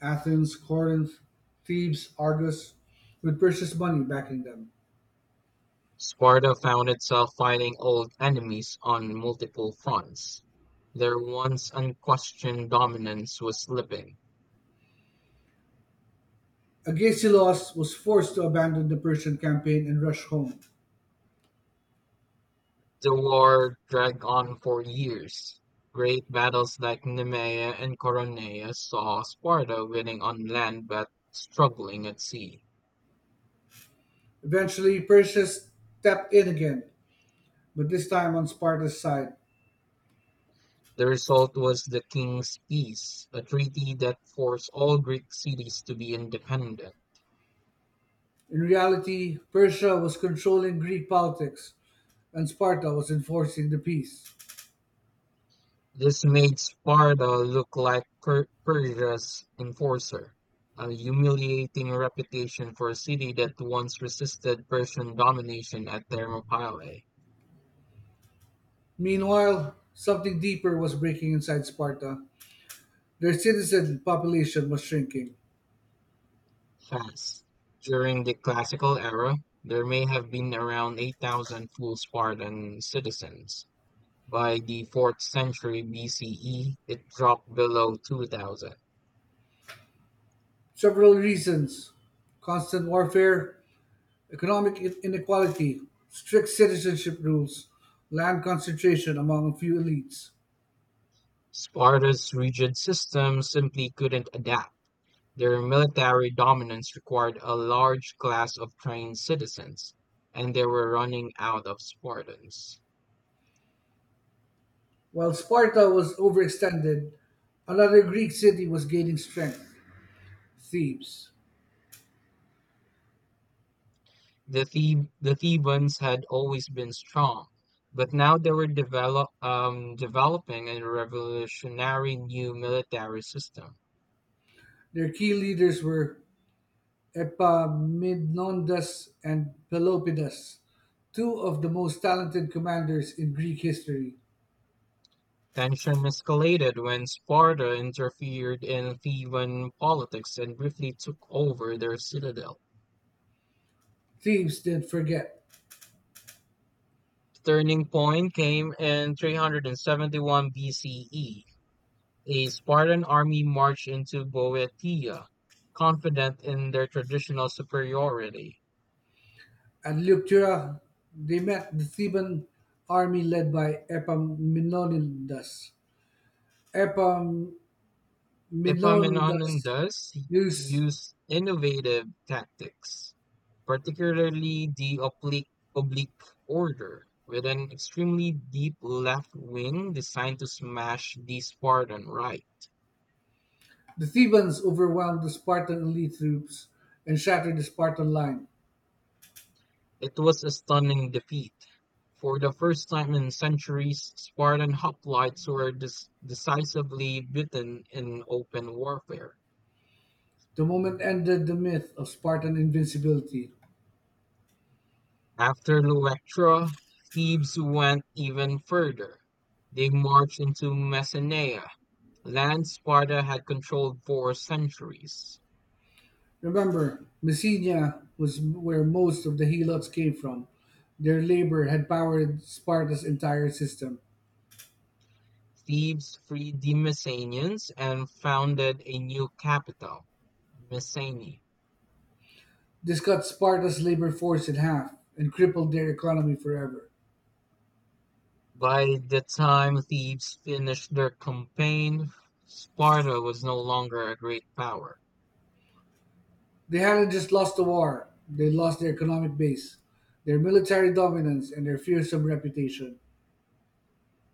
Athens, Corinth, Thebes, Argos, with Perseus' money backing them. Sparta found itself fighting old enemies on multiple fronts. Their once unquestioned dominance was slipping. Agesilaus was forced to abandon the Persian campaign and rush home. The war dragged on for years; great battles like Nemea and Coronea saw Sparta winning on land but struggling at sea. Eventually, Persia stepped in again, but this time on Sparta's side. The result was the King's Peace, a treaty that forced all Greek cities to be independent. In reality, Persia was controlling Greek politics, and Sparta was enforcing the peace. This made Sparta look like Persia's enforcer, a humiliating reputation for a city that once resisted Persian domination at Thermopylae. Meanwhile, something deeper was breaking inside Sparta. Their citizen population was shrinking. Fast. During the classical era, there may have been around 8,000 full Spartan citizens. By the 4th century BCE, it dropped below 2,000. Several reasons: constant warfare, economic inequality, strict citizenship rules, land concentration among a few elites. Sparta's rigid system simply couldn't adapt. Their military dominance required a large class of trained citizens, and they were running out of Spartans. While Sparta was overextended, another Greek city was gaining strength: Thebes. The Thebans had always been strong, but now they were developing a revolutionary new military system. Their key leaders were Epaminondas and Pelopidas, two of the most talented commanders in Greek history. Tension escalated when Sparta interfered in Theban politics and briefly took over their citadel. Thebes didn't forget. Turning point came in 371 one BCE. A Spartan army marched into Boeotia, confident in their traditional superiority. At Leuctra, they met the Theban army led by Epaminondas. Epaminondas Epaminondas used used innovative tactics, particularly the oblique order, with an extremely deep left wing designed to smash the Spartan right. the Thebans overwhelmed the Spartan elite troops and shattered the Spartan line. It was a stunning defeat. For the first time in centuries, Spartan hoplites were decisively beaten in open warfare. The moment ended the myth of Spartan invincibility. After Luectra, Thebes went even further. They marched into Messenia, land Sparta had controlled for centuries. Remember, Messenia was where most of the Helots came from. Their labor had powered Sparta's entire system. Thebes freed the Messenians and founded a new capital, Messene. This cut Sparta's labor force in half and crippled their economy forever. By the time Thebes finished their campaign, Sparta was no longer a great power. They hadn't just lost the war, they lost their economic base, their military dominance, and their fearsome reputation.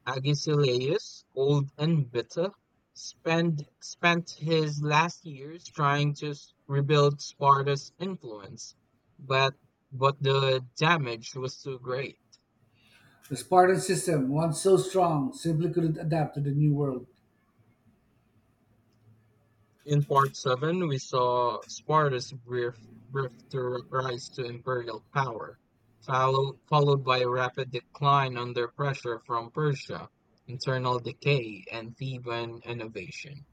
Agesilaus, old and bitter, spent his last years trying to rebuild Sparta's influence, but but the damage was too great. The Spartan system, once so strong, simply couldn't adapt to the new world. In part seven, we saw Sparta's brief to rise to imperial power, followed by a rapid decline under pressure from Persia, internal decay, and Theban innovation.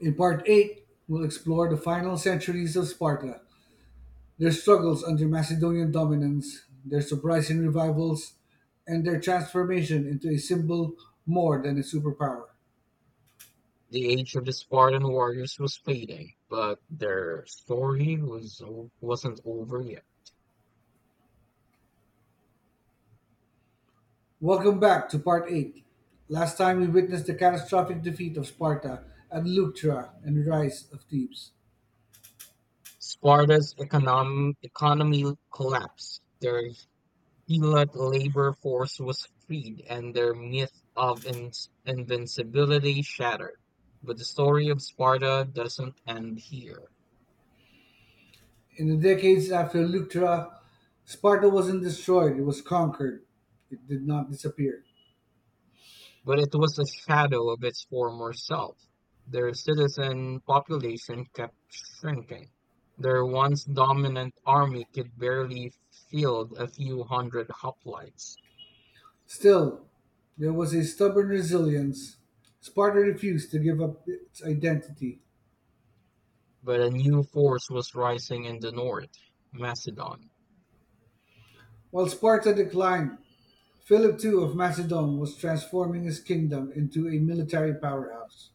In Part 8, we'll explore the final centuries of Sparta, their struggles under Macedonian dominance, their surprising revivals, and their transformation into a symbol more than a superpower. The age of the Spartan warriors was fading, but their story was wasn't over yet. Welcome back to part 8. Last time we witnessed the catastrophic defeat of Sparta at Leuctra and rise of Thebes. Sparta's econom economy collapsed. Their Helot labor force was freed, and their myth of invincibility shattered. But the story of Sparta doesn't end here. In the decades after Leuctra, Sparta wasn't destroyed, it was conquered. It did not disappear. But it was a shadow of its former self. Their citizen population kept shrinking. Their once dominant army could barely field a few hundred hoplites, Still, there was a stubborn resilience. Sparta refused to give up its identity. but a new force was rising in the north, Macedon. While Sparta declined, Philip II of Macedon was transforming his kingdom into a military powerhouse.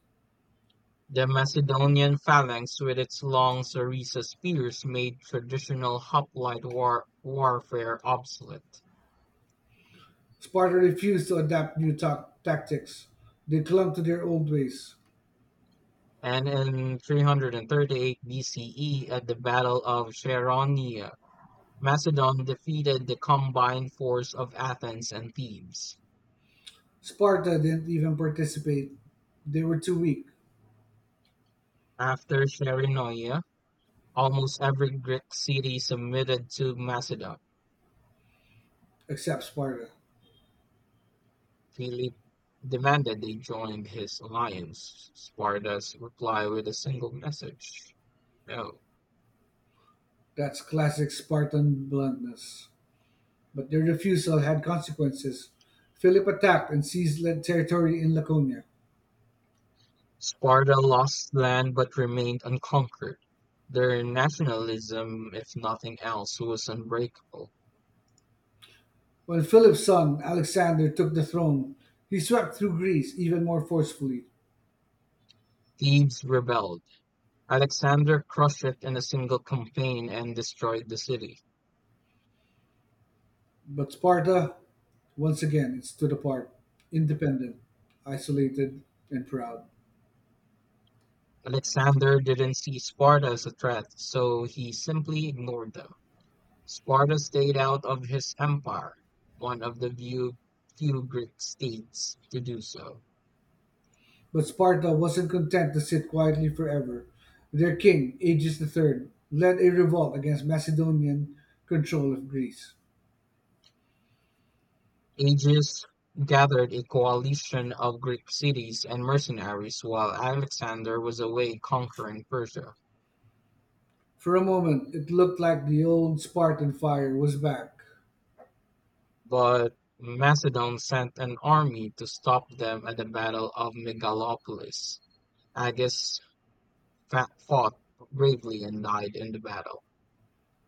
The Macedonian phalanx with its long sarissa spears made traditional hoplite warfare obsolete. Sparta refused to adapt new tactics. They clung to their old ways. And in 338 BCE, at the Battle of Chaeronea. Macedon defeated the combined force of Athens and Thebes. Sparta didn't even participate. They were too weak, After Sharonea, almost every Greek city submitted to Macedon. except Sparta. Philip demanded they join his alliance. Sparta's reply with a single message. No. That's classic Spartan bluntness. But their refusal had consequences. Philip attacked and seized territory in Laconia. Sparta lost land but remained unconquered. Their nationalism, if nothing else, was unbreakable. When Philip's son, Alexander, took the throne, he swept through Greece even more forcefully. Thebes rebelled. Alexander crushed it in a single campaign and destroyed the city. But Sparta, once again, it stood apart, independent, isolated, and proud. Alexander didn't see Sparta as a threat, so he simply ignored them. Sparta stayed out of his empire, one of the few Greek states to do so. But Sparta wasn't content to sit quietly forever. Their king, Aegis the III, led a revolt against Macedonian control of Greece. Agis gathered a coalition of Greek cities and mercenaries while Alexander was away conquering Persia. For a moment, it looked like the old Spartan fire was back. But Macedon sent an army to stop them at the Battle of Megalopolis. Agis fought bravely and died in the battle.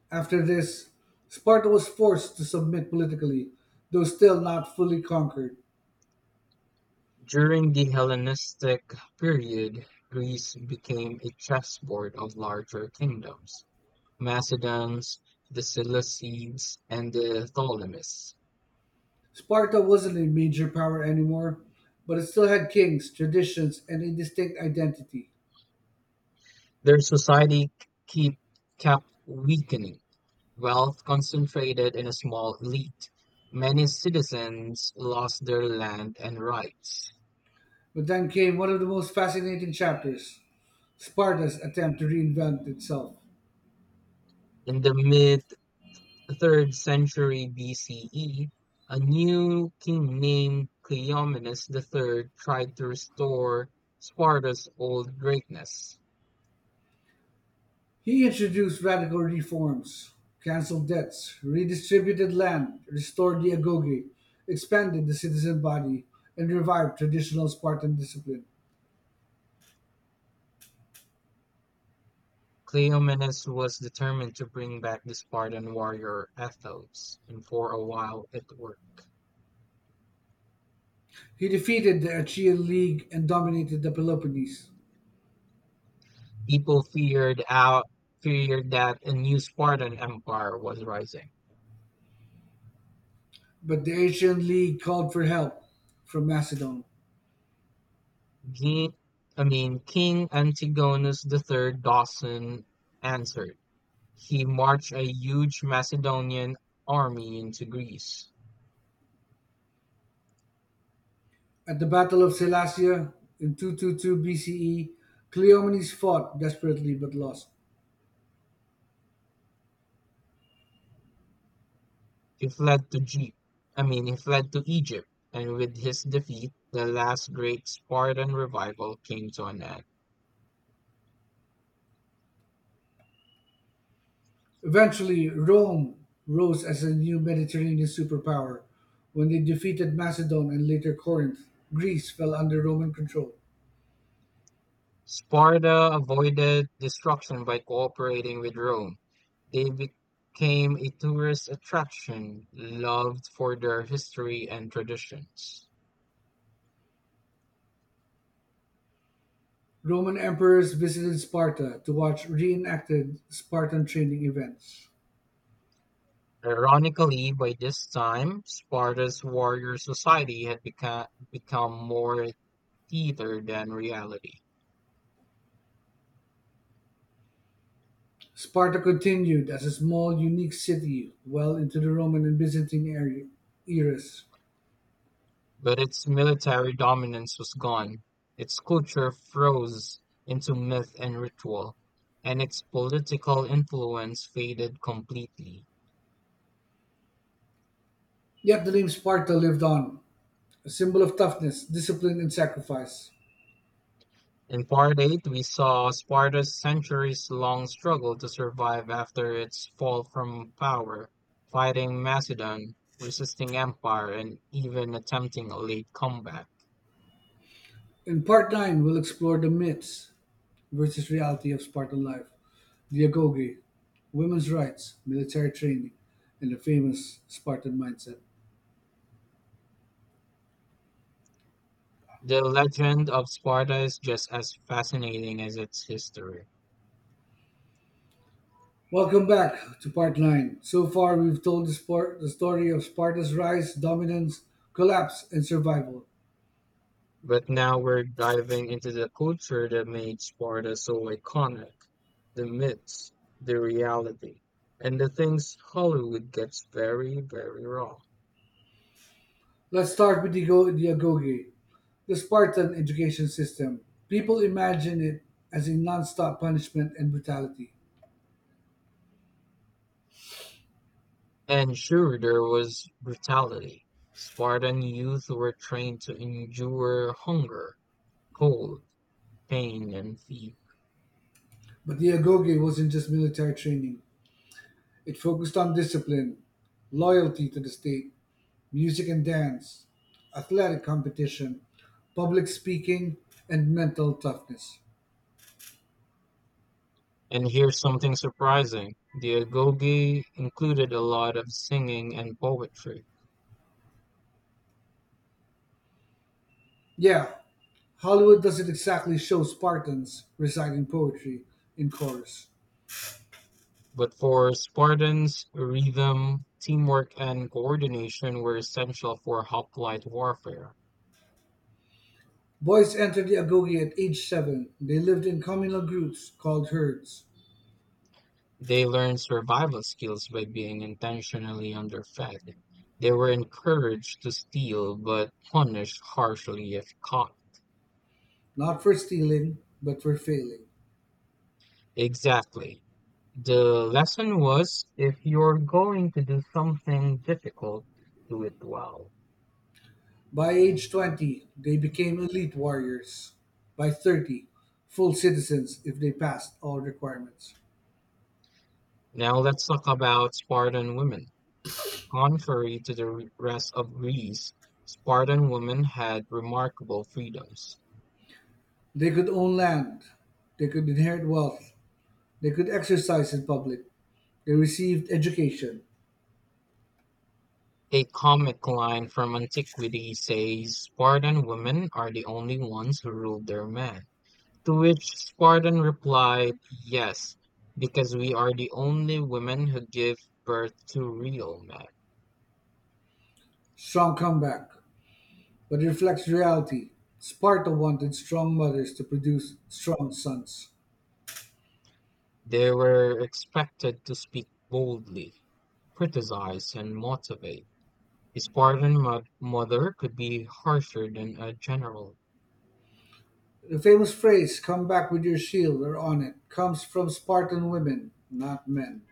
After this, Sparta was forced to submit politically, though still not fully conquered. During the Hellenistic period, Greece became a chessboard of larger kingdoms: Macedons, the Seleucids, and the Ptolemies. Sparta wasn't a major power anymore, but it still had kings, traditions, and a distinct identity. Their society keep, kept weakening, wealth concentrated in a small elite. Many citizens lost their land and rights. But then came one of the most fascinating chapters: Sparta's attempt to reinvent itself. In the mid the 3rd century BCE, a new king named Cleomenes III tried to restore Sparta's old greatness. He introduced radical reforms, canceled debts, redistributed land, restored the agoge, expanded the citizen body, and revived traditional Spartan discipline. Cleomenes was determined to bring back the Spartan warrior ethos, and for a while it worked. He defeated the Achaean League and dominated the Peloponnese, People feared that a new Spartan empire was rising. but the Achaean League called for help from Macedon. King, King Antigonus III Dawson answered. He marched a huge Macedonian army into Greece. At the Battle of Selassia in 222 BCE, Cleomenes fought desperately but lost. He fled to G- he fled to Egypt, and with his defeat, the last great Spartan revival came to an end. Eventually, Rome rose as a new Mediterranean superpower. When they defeated Macedon and later Corinth, Greece fell under Roman control. Sparta avoided destruction by cooperating with Rome. They became a tourist attraction, loved for their history and traditions. Roman emperors visited Sparta to watch reenacted Spartan training events. Ironically, by this time, Sparta's warrior society had become more theater than reality. Sparta continued as a small, unique city well into the Roman and Byzantine eras. But its military dominance was gone. Its culture froze into myth and ritual, and its political influence faded completely. Yet the name Sparta lived on, a symbol of toughness, discipline, and sacrifice. In Part 8, we saw Sparta's centuries long struggle to survive after its fall from power, fighting Macedon, resisting empire, and even attempting a late comeback. In part 9, we'll explore the myths versus reality of Spartan life. Dyagogy, women's rights, military training, and the famous Spartan mindset. The legend of Sparta is just as fascinating as its history. Welcome back to part 9. So far, we've told the story of Sparta's rise, dominance, collapse, and survival. But now we're diving into the culture that made Sparta so iconic, the myths, the reality, and the things Hollywood gets very, very wrong. Let's start with the Dyagogy, the Spartan education system. People imagine it as a non stop punishment and brutality. And sure, there was brutality. Spartan youth were trained to endure hunger, cold, pain, and fear. But Dyagogy wasn't just military training, it focused on discipline, loyalty to the state, music and dance, athletic competition, public speaking, and mental toughness. And here's something surprising. The agoge included a lot of singing and poetry. Yeah, Hollywood doesn't exactly show Spartans reciting poetry in chorus. But for Spartans, rhythm, teamwork, and coordination were essential for hoplite warfare. Boys entered the agoge at age seven. They lived in communal groups called herds, They learned survival skills by being intentionally underfed. They were encouraged to steal but punished harshly if caught. not for stealing, but for failing. Exactly. The lesson was, if you're going to do something difficult, do it well. By age 20, they became elite warriors. By 30, full citizens if they passed all requirements. Now let's talk about Spartan women. Contrary to the rest of Greece, Spartan women had remarkable freedoms. They could own land, they could inherit wealth, they could exercise in public. They received education. A comic line from antiquity says Spartan women are the only ones who ruled their men. To which Spartan replied, "Yes, because we are the only women who give birth to real men." Strong comeback. But it reflects reality. Sparta wanted strong mothers to produce strong sons. They were expected to speak boldly, criticize, and motivate. A Spartan mother could be harsher than a general. The famous phrase, "come back with your shield or on it," comes from Spartan women, not men.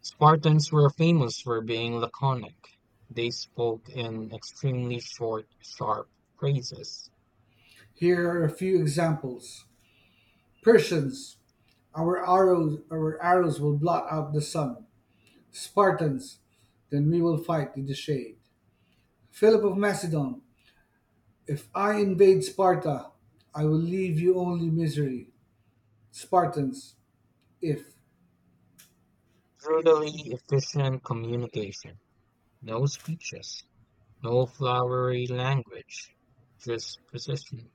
Spartans were famous for being laconic; they spoke in extremely short, sharp phrases, Here are a few examples. Persians, our arrows will blot out the sun. Spartans, then we will fight in the shade. Philip of Macedon, if I invade Sparta, I will leave you only misery. Spartans, if. brutally efficient communication, no speeches, no flowery language, just precision.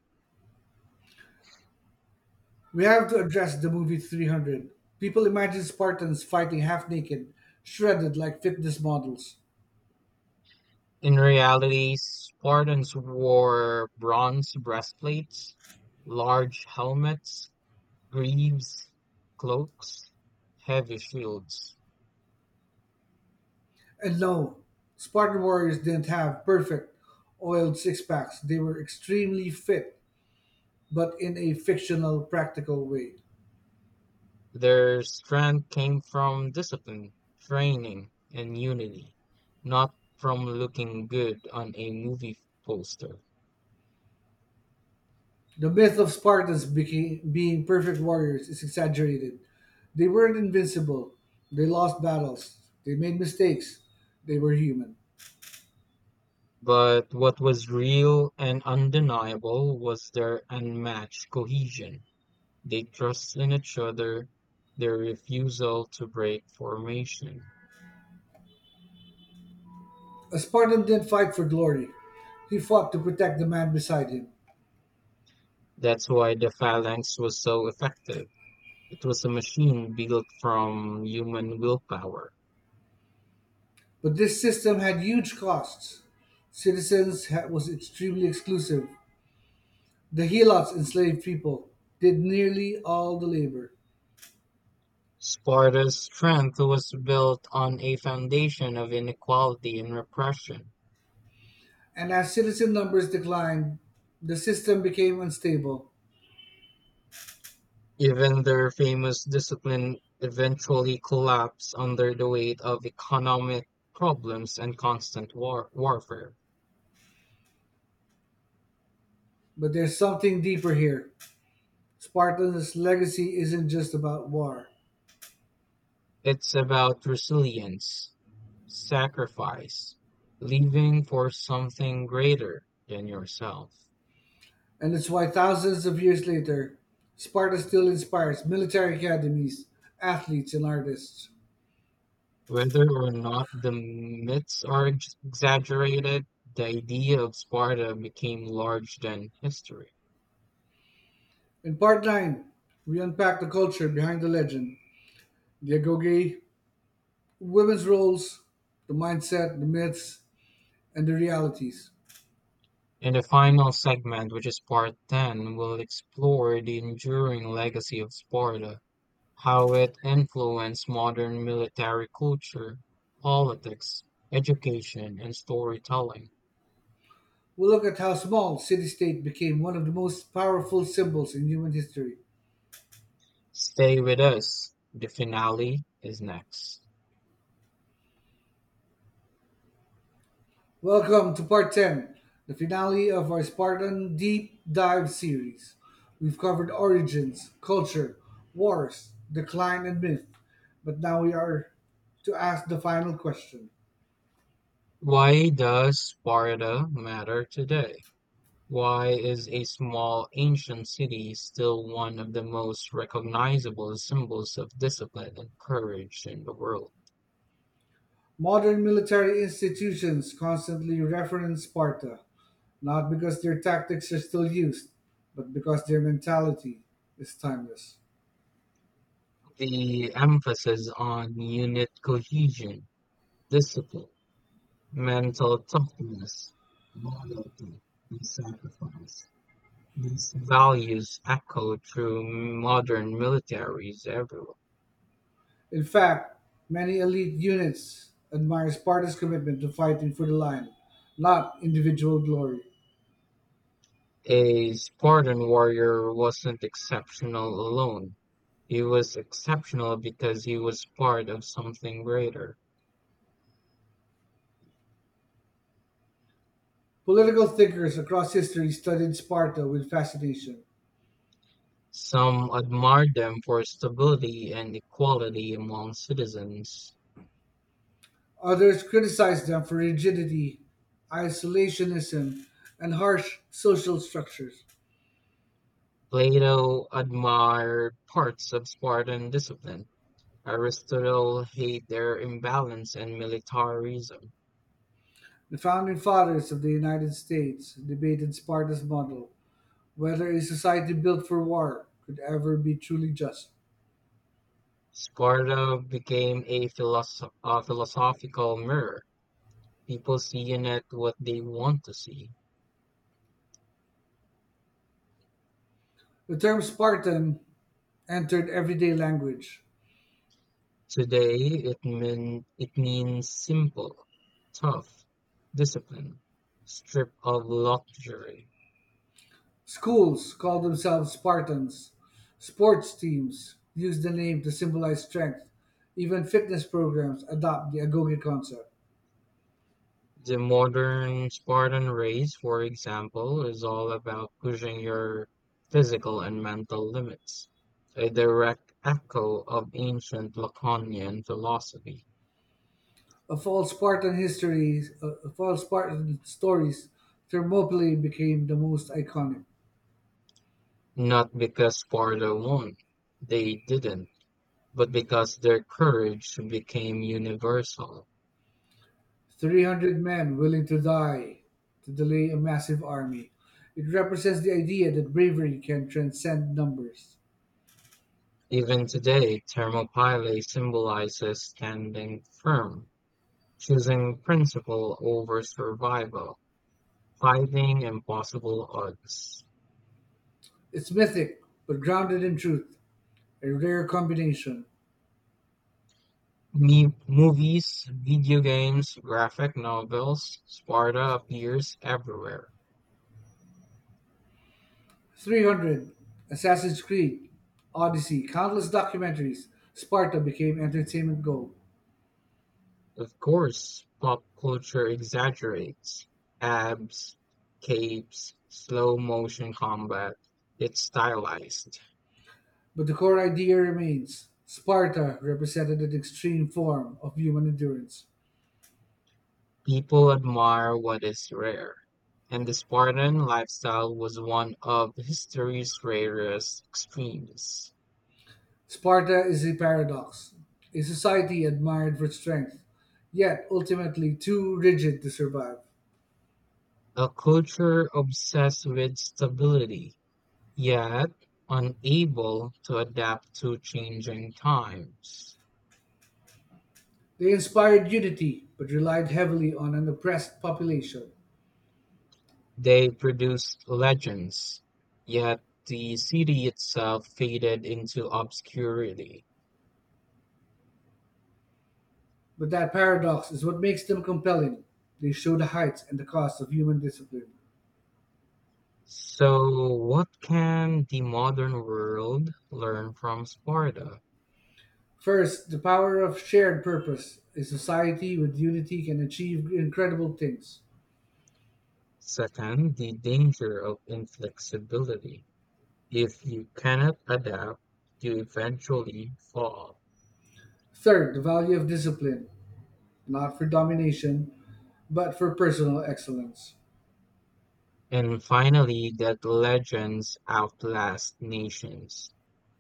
We have to address the movie 300. People imagine Spartans fighting half naked, shredded like fitness models. In reality, Spartans wore bronze breastplates, large helmets, greaves, cloaks, heavy shields. And no, Spartan warriors didn't have perfect, oiled six packs. They were extremely fit, but in a fictional, practical way. Their strength came from discipline, training, and unity, not from looking good on a movie poster. The myth of being perfect warriors is exaggerated. They weren't invincible. They lost battles. They made mistakes. They were human. But what was real and undeniable was their unmatched cohesion. They trust in each other, their refusal to break formation. A Spartan didn't fight for glory. He fought to protect the man beside him. That's why the Phalanx was so effective. It was a machine built from human willpower. But this system had huge costs. Was extremely exclusive. The helots enslaved people did nearly all the labor. Sparta's strength was built on a foundation of inequality and repression. And as citizen numbers declined, the system became unstable. Even their famous discipline eventually collapsed under the weight of economic problems and constant warfare. But there's something deeper here. Spartan's legacy isn't just about war, It's about resilience, sacrifice, living for something greater than yourself. and it's why thousands of years later, Sparta still inspires military academies, athletes, and artists. Whether or not the myths are exaggerated, the idea of Sparta became larger than history. In part 9, we unpack the culture behind the legend, the agoge, women's roles, the mindset, the myths, and the realities. In the final segment, which is part ten, we'll explore the enduring legacy of Sparta, how it influenced modern military culture, politics, education, and storytelling. We'll look at how small city state became one of the most powerful symbols in human history. Stay with us. The finale is next. Welcome to part 10, the finale of our Spartan Deep Dive series. We've covered origins, culture, wars, decline, and myth, but now we are to ask the final question. Why does Sparta matter today? Why is a small ancient city still one of the most recognizable symbols of discipline and courage in the world? Modern military institutions constantly reference Sparta, not because their tactics are still used, but because their mentality is timeless. The emphasis on unit cohesion, discipline, mental toughness, loyalty, and sacrifice. These values echo through modern militaries everywhere. In fact, many elite units admire Sparta's commitment to fighting for the line, not individual glory. A Spartan warrior wasn't exceptional alone. He was exceptional because he was part of something greater. Political thinkers across history studied Sparta with fascination. Some admired them for stability and equality among citizens. Others criticized them for rigidity, isolationism, and harsh social structures. Plato admired parts of Spartan discipline. Aristotle hated their imbalance and militarism. The founding fathers of the United States debated Sparta's model, whether a society built for war could ever be truly just. Sparta became a philosophical mirror. People see in it what they want to see. The term Spartan entered everyday language. Today, it means simple, tough, discipline, stripped of luxury. Schools call themselves Spartans, sports teams use the name to symbolize strength, even fitness programs adopt the agoge concept. The modern Spartan race, for example, is all about pushing your physical and mental limits, a direct echo of ancient Lacanian philosophy. Of all Spartan stories, Thermopylae became the most iconic. Not because Sparta won, they didn't, but because their courage became universal. 300 men willing to die to delay a massive army. It represents the idea that bravery can transcend numbers. Even today, Thermopylae symbolizes standing firm, choosing principle over survival, fighting impossible odds. It's mythic, but grounded in truth, a rare combination. Movies, video games, graphic novels, Sparta appears everywhere. 300, Assassin's Creed, Odyssey, countless documentaries, Sparta became entertainment gold. Of course, pop culture exaggerates. Abs, capes, slow motion combat. It's stylized. But the core idea remains, Sparta represented an extreme form of human endurance. People admire what is rare. And the Spartan lifestyle was one of history's rarest extremes. Sparta is a paradox, a society admired for strength, yet ultimately too rigid to survive. A culture obsessed with stability. Yet, unable to adapt to changing times, They inspired unity, but relied heavily on an oppressed population. they produced legends. Yet, the city itself faded into obscurity. But that paradox is what makes them compelling. They show the heights and the cost of human discipline. So, what can the modern world learn from Sparta? First, the power of shared purpose. A society with unity can achieve incredible things. Second, the danger of inflexibility. If you cannot adapt, you eventually fall. Third, the value of discipline, not for domination, but for personal excellence. And finally, that legends outlast nations.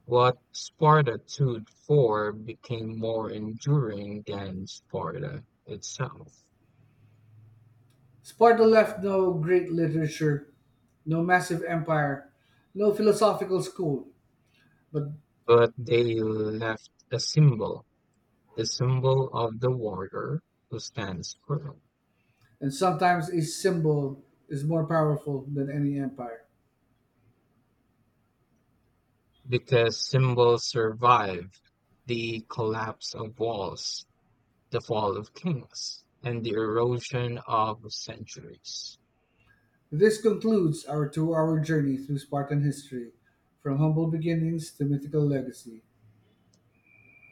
What Sparta stood for became more enduring than Sparta itself, Sparta left no great literature, no massive empire, no philosophical school, but but they left a symbol, the symbol of the warrior who stands firm, and sometimes a symbol is more powerful than any empire. because symbols survive the collapse of walls, the fall of kings, and the erosion of centuries. This concludes our 2 hour journey through Spartan history, from humble beginnings to mythical legacy.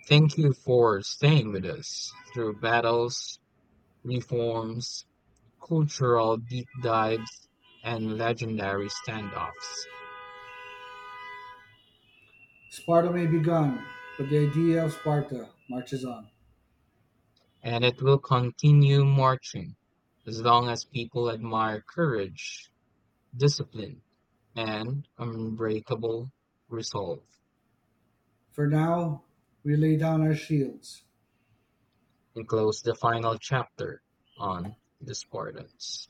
Thank you for staying with us through battles, reforms, cultural deep dives, and legendary standoffs. Sparta may be gone, but the idea of Sparta marches on. And it will continue marching as long as people admire courage, discipline, and unbreakable resolve. For now, we lay down our shields. And close the final chapter on Discordance.